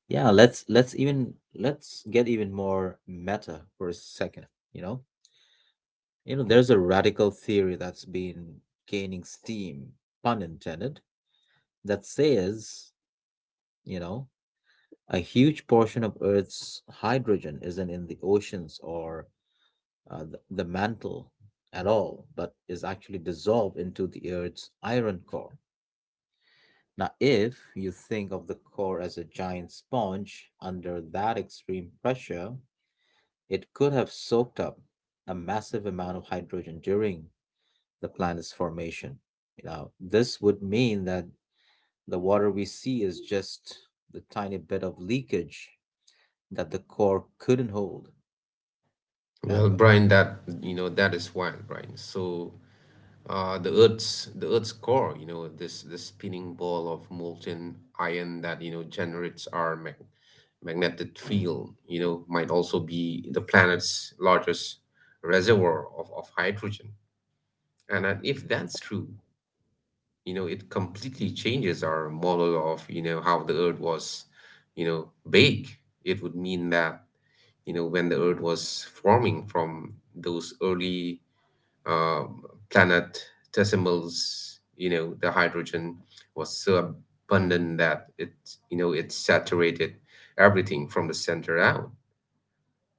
[SPEAKER 1] yeah, let's let's even let's get even more meta for a second, you know? You know, there's a radical theory that's been gaining steam, pun intended, that says, you know, a huge portion of Earth's hydrogen isn't in the oceans or uh, the, the mantle at all, but is actually dissolved into the Earth's iron core. Now, if you think of the core as a giant sponge under that extreme pressure, it could have soaked up a massive amount of hydrogen during the planet's formation. You know, this would mean that the water we see is just the tiny bit of leakage that the core couldn't hold.
[SPEAKER 2] Well,
[SPEAKER 1] Denver.
[SPEAKER 2] Brian, that you know that is wild, Brian. So uh, the Earth's the Earth's core. You know, this this spinning ball of molten iron that you know generates our mag- magnetic field. You know, might also be the planet's largest reservoir of, of hydrogen. And, and if that's true, you know, it completely changes our model of you know how the Earth was, you know, big. It would mean that you know when the Earth was forming from those early uh, planetesimals, you know, the hydrogen was so abundant that it, you know, it saturated everything from the center out.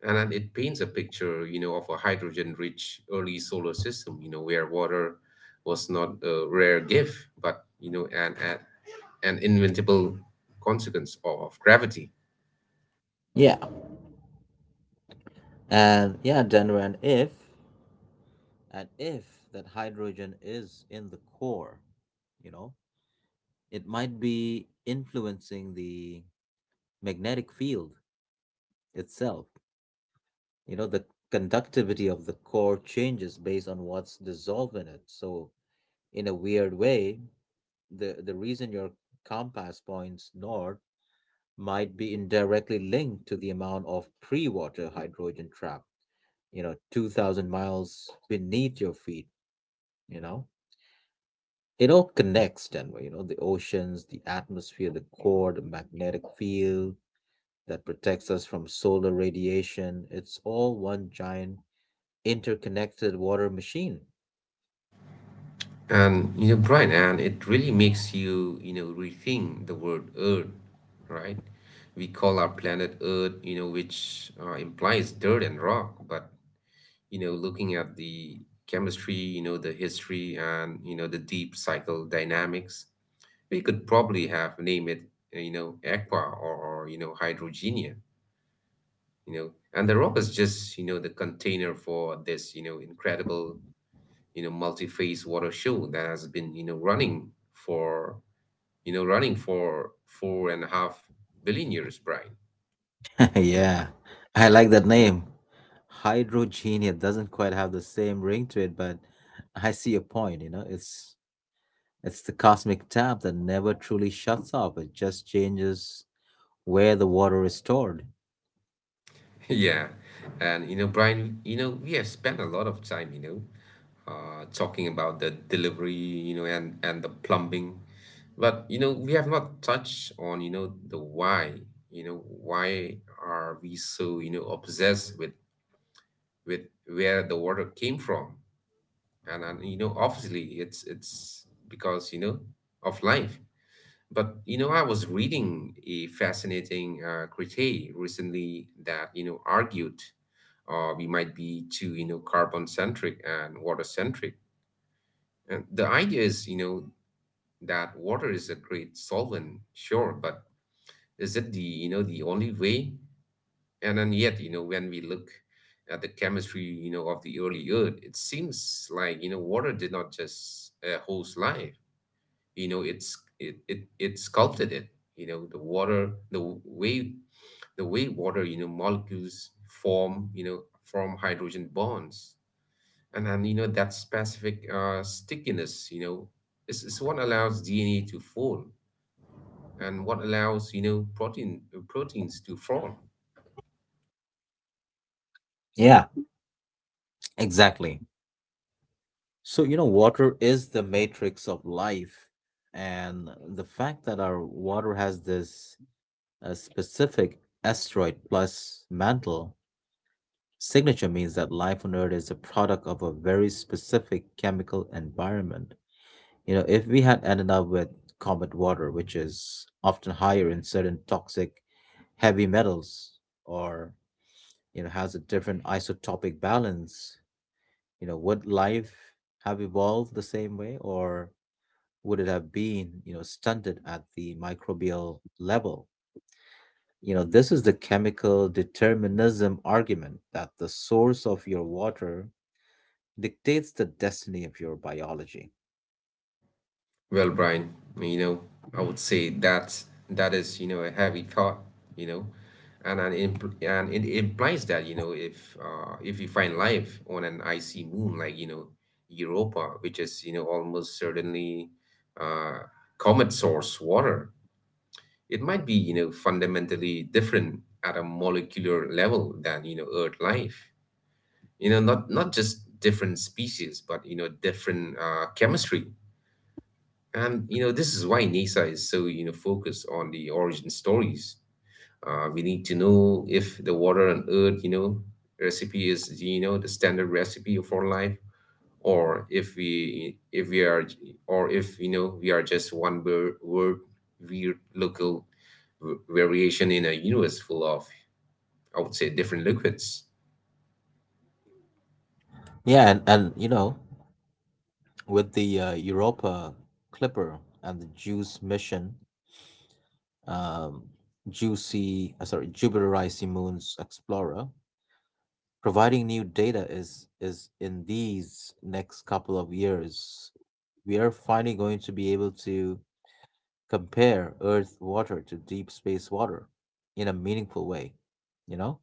[SPEAKER 2] And then it paints a picture, you know, of a hydrogen-rich early solar system, you know, where water was not a rare gift, but, you know, an, an, an inevitable consequence of, of gravity.
[SPEAKER 1] Yeah, and yeah, Denver, and if and if that hydrogen is in the core, you know, it might be influencing the magnetic field itself. You know, the conductivity of the core changes based on what's dissolved in it. So, in a weird way, the the reason your compass points north might be indirectly linked to the amount of pre-water hydrogen trapped, you know, two thousand miles beneath your feet. You know, it all connects, Denver. You know, the oceans, the atmosphere, the core, the magnetic field that protects us from solar radiation, it's all one giant interconnected water machine.
[SPEAKER 2] And you know, Brian, and it really makes you, you know, rethink the word Earth, right? We call our planet Earth, you know, which uh, implies dirt and rock. But you know, looking at the chemistry, you know, the history, and you know, the deep cycle dynamics, we could probably have named it, you know, aqua, or or you know, hydrogenia, you know. And the rock is just, you know, the container for this, you know, incredible, you know multi-phase water show that has been you know running for you know running for four and a half billion years, Brian.
[SPEAKER 1] Yeah, I like that name. Hydrogenia doesn't quite have the same ring to it, but I see your point. You know, it's it's the cosmic tap that never truly shuts off, it just changes where the water is stored.
[SPEAKER 2] Yeah. And you know Brian, you know we have spent a lot of time, you know uh, talking about the delivery, you know and and the plumbing. But you know we have not touched on you know the why. You know why are we so you know obsessed with with where the water came from? And and you know obviously, it's it's because, you know of life. But you know I was reading a fascinating uh, critique recently that you know argued uh, we might be too, you know carbon centric and water centric. And the idea is, you know that water is a great solvent, sure, but is it the you know the only way? And then yet, you know when we look at the chemistry, you know of the early Earth, it seems like you know water did not just uh, host life. you know it's it, it it sculpted it. you know the water the w- way the way water, you know molecules form you know form hydrogen bonds. And then, you know that specific uh, stickiness, you know is, is what allows DNA to form, and what allows, you know protein uh, proteins to form.
[SPEAKER 1] Yeah, exactly. So, you know, water is the matrix of life. And the fact that our water has this uh, specific asteroid plus mantle signature means that life on Earth is a product of a very specific chemical environment. You know, if we had ended up with combat water, which is often higher in certain toxic heavy metals or, you know, has a different isotopic balance, you know, would life have evolved the same way, or would it have been, you know, stunted at the microbial level? You know, this is the chemical determinism argument that the source of your water dictates the destiny of your biology.
[SPEAKER 2] Well, Brian, you know, I would say that that is, you know, a heavy thought, you know, and and impl and it implies that, you know, if uh, if you find life on an icy moon like, you know, Europa, which is, you know, almost certainly, uh, comet source water. It might be, you know, fundamentally different at a molecular level than, you know, Earth life. You know, not not just different species, but, you know, different uh, chemistry. And you know, this is why NASA is so you know focused on the origin stories. Uh, we need to know if the water on Earth, you know, recipe is you know the standard recipe for life, or if we if we are, or if you know we are just one word, word weird local v- variation in a universe full of, I would say, different liquids.
[SPEAKER 1] Yeah, and, and you know, with the uh, Europa Clipper and the JUICE mission, um, Juicy, uh, sorry, Jupiter Icy Moons Explorer, providing new data is is in these next couple of years. We are finally going to be able to compare Earth water to deep space water in a meaningful way. You know,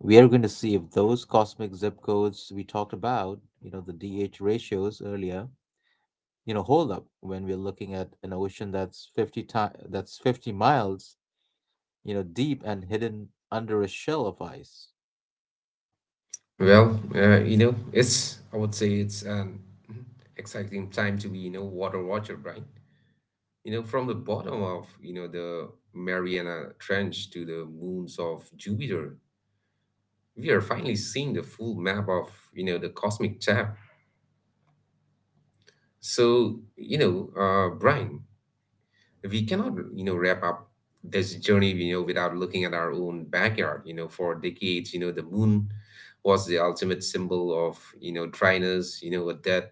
[SPEAKER 1] we are going to see if those cosmic zip codes we talked about, you know, the D H ratios earlier, you know, hold up when we're looking at an ocean that's fifty ti- that's fifty miles, you know, deep and hidden under a shell of ice.
[SPEAKER 2] Well, uh, you know, it's I would say it's an exciting time to be, you know water watcher, right? You know, from the bottom of, you know, the Mariana Trench to the moons of Jupiter, we are finally seeing the full map of, you know, the cosmic map. So, you know, uh, Brian, we cannot, you know, wrap up this journey, you know, without looking at our own backyard. You know, for decades, you know, the moon was the ultimate symbol of, you know, dryness, you know, a death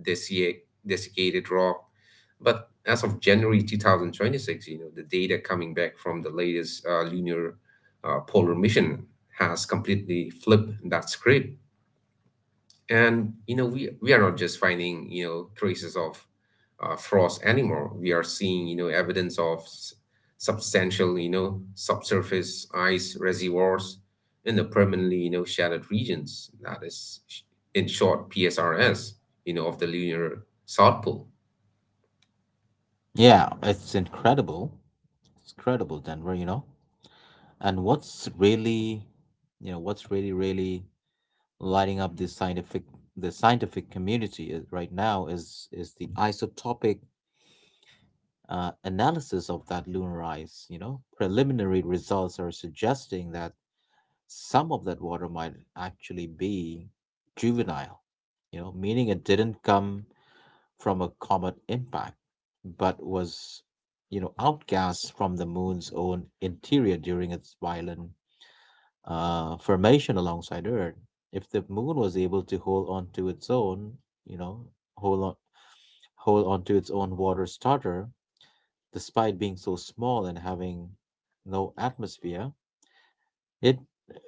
[SPEAKER 2] Desicc desiccated rock. But as of January two thousand twenty-six, you know, the data coming back from the latest uh, lunar uh, polar mission has completely flipped that script. And you know, we we are not just finding you know traces of uh, frost anymore. We are seeing you know evidence of s- substantial, you know subsurface ice reservoirs in the permanently, you know shadowed regions. That is, sh- in short, P S R S, You know, of the lunar south pole.
[SPEAKER 1] Yeah, it's incredible. It's incredible, Denver. You know, and what's really, you know, what's really really lighting up this scientific the scientific community is, right now is is the isotopic uh, analysis of that lunar ice. You know, preliminary results are suggesting that some of that water might actually be juvenile, you know, meaning it didn't come from a comet impact, but was, you know, outgassed from the moon's own interior during its violent uh, formation alongside Earth. If the moon was able to hold on to its own, you know, hold on, hold on to its own water starter, despite being so small and having no atmosphere, it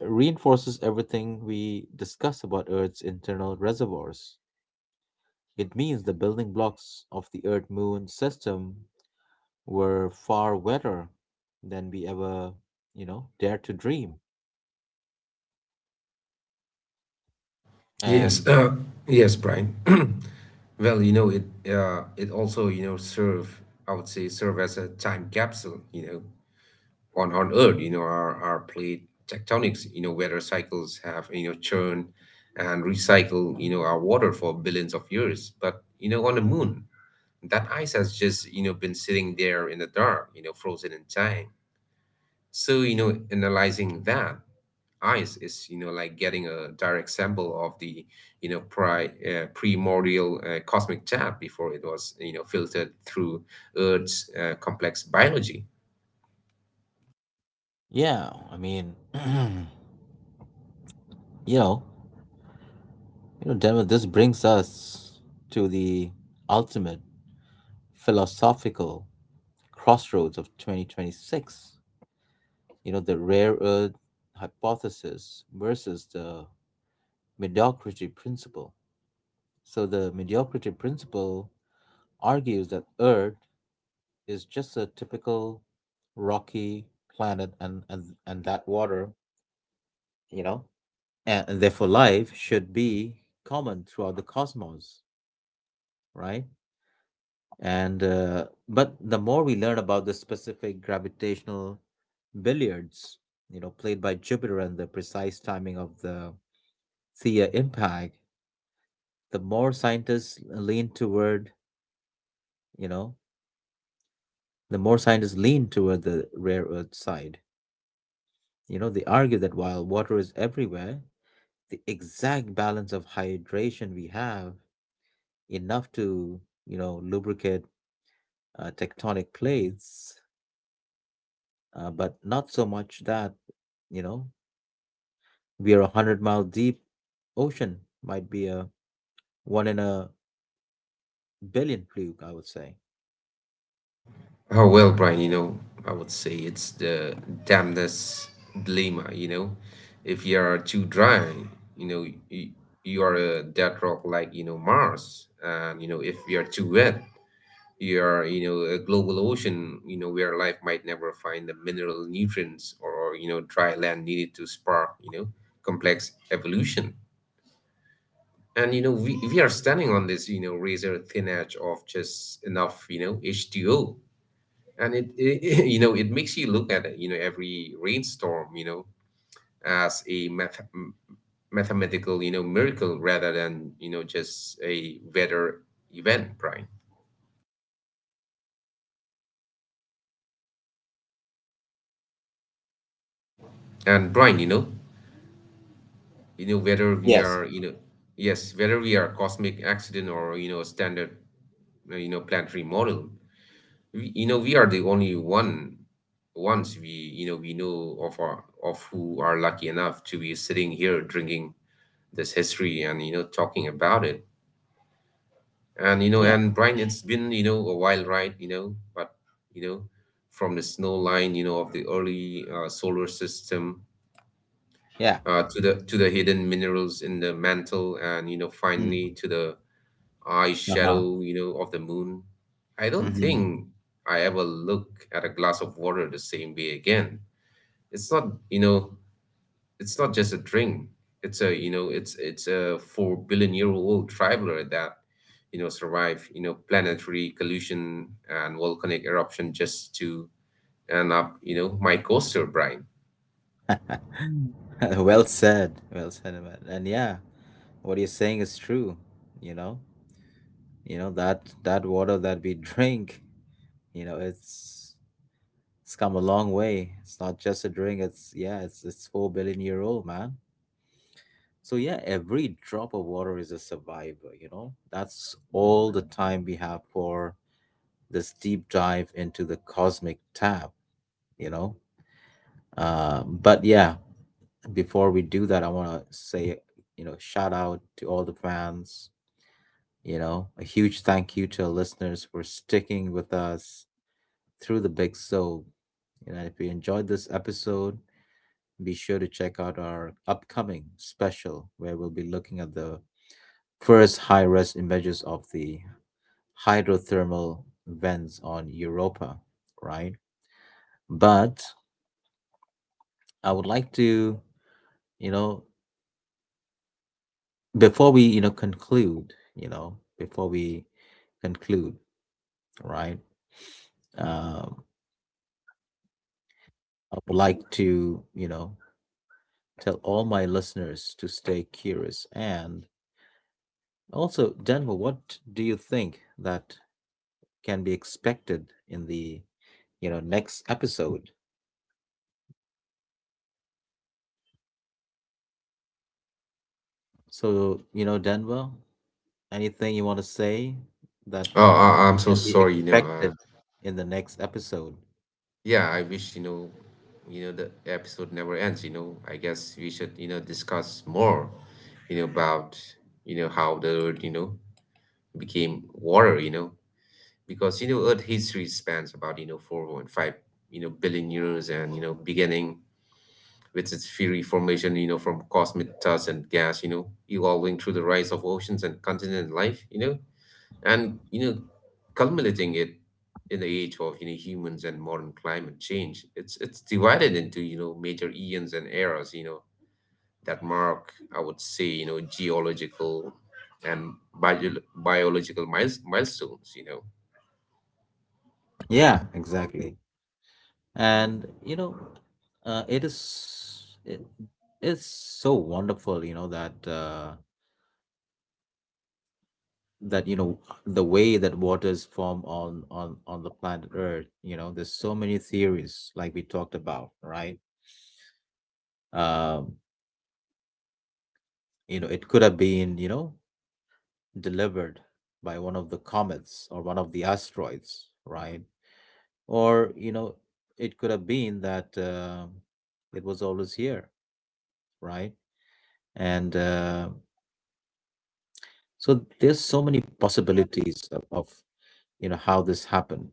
[SPEAKER 1] reinforces everything we discuss about Earth's internal reservoirs. It means the building blocks of the Earth Moon system were far wetter than we ever, you know, dared to dream.
[SPEAKER 2] Yes,
[SPEAKER 1] And
[SPEAKER 2] uh, yes, Brian. Well, you know, it uh, it also, you know, serve, I would say, serve as a time capsule, you know, on on Earth, you know, are are plate tectonics, you know, weather cycles have you know churn and recycle, you know, our water for billions of years. But you know, on the moon, that ice has just you know been sitting there in the dark, you know, frozen in time. So you know, analyzing that ice is you know like getting a direct sample of the, you know pri- uh, primordial, uh, cosmic tap, before it was, you know filtered through Earth's uh, complex biology.
[SPEAKER 1] yeah, I mean, you know, you know, Demo, this brings us to the ultimate philosophical crossroads of twenty twenty-six. You know, the rare earth hypothesis versus the mediocrity principle. So the mediocrity principle argues that Earth is just a typical rocky planet, and, and, and that water, you know, and, and therefore life should be common throughout the cosmos, right? And uh, But the more we learn about the specific gravitational billiards, you know, played by Jupiter and the precise timing of the Theia impact, the more scientists lean toward, you know, The more scientists lean toward the rare earth side. You know, they argue that while water is everywhere, the exact balance of hydration we have, enough to, you know, lubricate uh, tectonic plates, uh, but not so much that, you know, we are a hundred mile deep ocean, might be a one in a billion fluke, I would say.
[SPEAKER 2] Oh, well, Brian, you know, I would say it's the damnness dilemma, you know. If you are too dry, you know, you, you are a dead rock like, you know, Mars. And, you know, if you are too wet, you are, you know, a global ocean, you know, where life might never find the mineral nutrients, or or you know, dry land needed to spark, you know, complex evolution. And, you know, we, we are standing on this, you know, razor thin edge of just enough, you know, H two O, and it, it you know it makes you look at, you know every rainstorm, you know as a math- m- mathematical, you know miracle, rather than, you know just a weather event, Brian. And Brian, you know you know whether we
[SPEAKER 1] Yes.
[SPEAKER 2] are, you know yes, whether we are cosmic accident, or, you know standard, uh, you know planetary model, we, you know we are the only one ones we, you know we know of, our of who are lucky enough to be sitting here drinking this history, and, you know talking about it. and you know
[SPEAKER 1] Yeah,
[SPEAKER 2] and Brian, it's been, you know a wild ride, you know but you know from the snow line, you know of the early uh, solar system,
[SPEAKER 1] yeah.
[SPEAKER 2] uh, to the to the hidden minerals in the mantle, and you know
[SPEAKER 1] Mm.
[SPEAKER 2] finally to the eye
[SPEAKER 1] Uh-huh.
[SPEAKER 2] shadow, you know of the moon. I don't
[SPEAKER 1] Hmm.
[SPEAKER 2] think I ever look at a glass of water the same way again. It's not you know it's not just a drink. It's a you know it's it's a four billion year old traveler that you know survived, you know planetary collision and volcanic eruption, just to end up, you know my coaster, Brian.
[SPEAKER 1] Well said. Well said, man. And yeah, what you're saying is true. You know, you know that that water that we drink, you know, it's it's come a long way. It's not just a drink, it's yeah, it's it's four billion year old, man. So yeah, every drop of water is a survivor. You know, that's all the time we have for this deep dive into the cosmic tab. You know, um but yeah, before we do that, I want to say, you know, shout out to all the fans. You know, a huge thank you to our listeners for sticking with us through the big so. You know, if you enjoyed this episode, be sure to check out our upcoming special where we'll be looking at the first high res images of the hydrothermal vents on Europa, right? But I would like to, you know, before we, you know, conclude, you know, before we conclude, right? Um, I would like to, you know, tell all my listeners to stay curious. And also, Denver, what do you think that can be expected in the, you know, next episode? So you know, Denver, anything you want to say that
[SPEAKER 2] Oh, I, I'm so
[SPEAKER 1] can be
[SPEAKER 2] sorry. You know, uh,
[SPEAKER 1] expected in the next episode?
[SPEAKER 2] yeah, I wish, you know you know the episode never ends. You know, I guess we should, you know discuss more, you know about, you know how the Earth, you know became water. You know because, you know Earth history spans about, you know four point five, you know billion years, and, you know beginning with its fiery formation, you know from cosmic dust and gas, you know evolving through the rise of oceans and continent life, you know and you know culminating it in the age of, you know humans and modern climate change. It's it's divided into, you know major eons and eras, you know that mark, I would say, you know geological and bio- biological miles- milestones, you know.
[SPEAKER 1] Yeah, exactly. And you know, uh, it is it, it's so wonderful, you know that. Uh, that you know the way that waters form on on on the planet Earth, you know, there's so many theories like we talked about, right? um you know, it could have been, you know, delivered by one of the comets or one of the asteroids, right? Or you know, it could have been that uh, it was always here, right? And uh, so there's so many possibilities of of, you know, how this happened,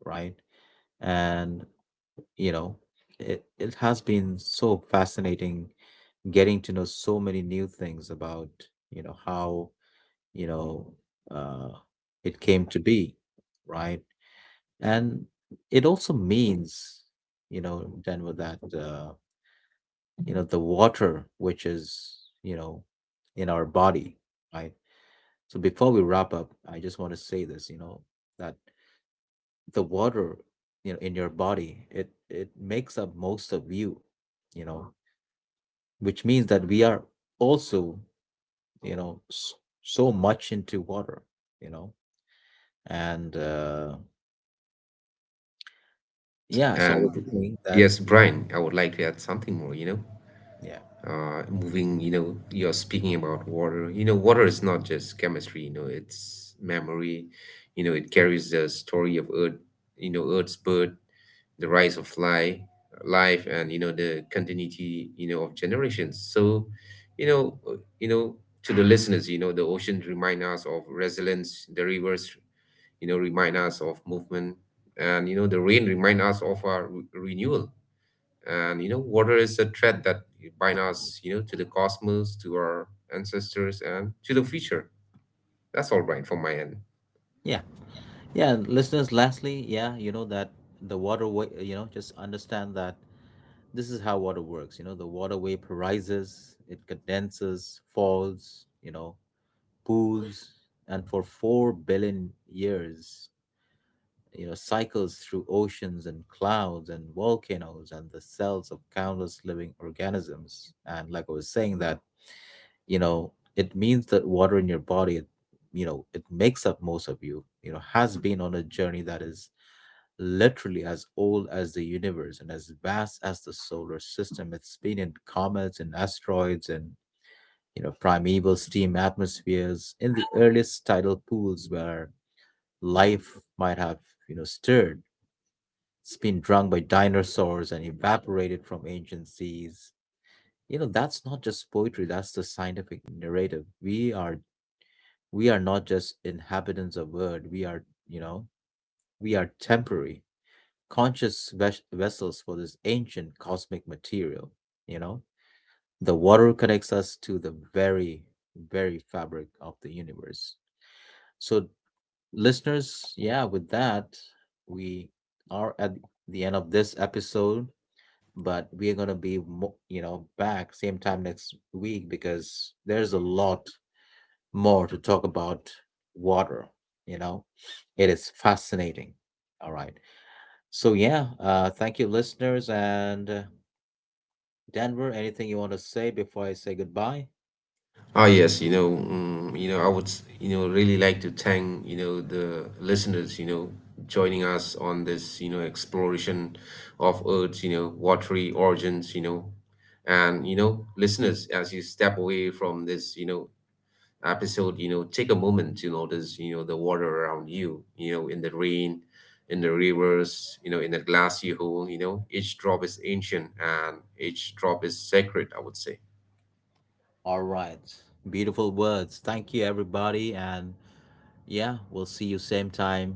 [SPEAKER 1] right? And you know, it, it has been so fascinating getting to know so many new things about, you know, how, you know, uh, it came to be, right? And it also means, you know, Denver, that uh, you know, the water which is, you know, in our body, right? So before we wrap up, I just want to say this, you know, that the water, you know, in your body, it it makes up most of you, you know, which means that we are also, you know, s- so much into water, you know. And uh yeah, so I was
[SPEAKER 2] And
[SPEAKER 1] saying that
[SPEAKER 2] yes,
[SPEAKER 1] you
[SPEAKER 2] Brian, I would like to add something more, you know.
[SPEAKER 1] yeah
[SPEAKER 2] Uh, moving, you know, you're speaking about water. You know, water is not just chemistry, you know, it's memory. You know, it carries the story of Earth, you know, Earth's birth, the rise of fly, life, and, you know, the continuity, you know, of generations. So, you know, uh, you know, to the listeners, you know, the oceans remind us of resilience, the rivers, you know, remind us of movement, and, you know, the rain remind us of our re- renewal. And you know, water is a thread that binds us, you know, to the cosmos, to our ancestors, and to the future. That's all right from my end.
[SPEAKER 1] yeah yeah listeners, lastly, yeah, you know, that the water way, you know, just understand that this is how water works. You know, the water vaporizes, it condenses, falls, you know, pools, and for four billion years, you know, cycles through oceans and clouds and volcanoes and the cells of countless living organisms. And like I was saying, that, you know, it means that water in your body, it, you know, it makes up most of you, you know, has been on a journey that is literally as old as the universe and as vast as the solar system. It's been in comets and asteroids, and, you know, primeval steam atmospheres in the earliest tidal pools where life might have, you know, stirred. It's been drunk by dinosaurs and evaporated from ancient seas. You know, that's not just poetry, that's the scientific narrative. We are we are not just inhabitants of world, we are, you know, we are temporary, conscious ves- vessels for this ancient cosmic material, you know? The water connects us to the very, very fabric of the universe. So, listeners, yeah, with that, we are at the end of this episode. But we're gonna be mo- you know, back same time next week because there's a lot more to talk about water, you know. It is fascinating. All right. So yeah, uh thank you listeners. And uh, Denver, anything you want to say before I say goodbye?
[SPEAKER 2] Ah, yes, you know, mm, you know, I would, s- you know, really like to thank, you know, the listeners, you know, joining us on this, you know, exploration of Earth's, you know, watery origins, you know, and, you know, listeners, as you step away from this, you know, episode, you know, take a moment to notice, you know, the water around you, you know, in the rain, in the rivers, you know, in the glass you hold. you know, each drop is ancient and each drop is sacred, I would say.
[SPEAKER 1] All right, beautiful words. Thank you everybody. And yeah, we'll see you same time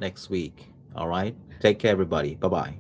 [SPEAKER 1] next week. All right, take care everybody. Bye bye.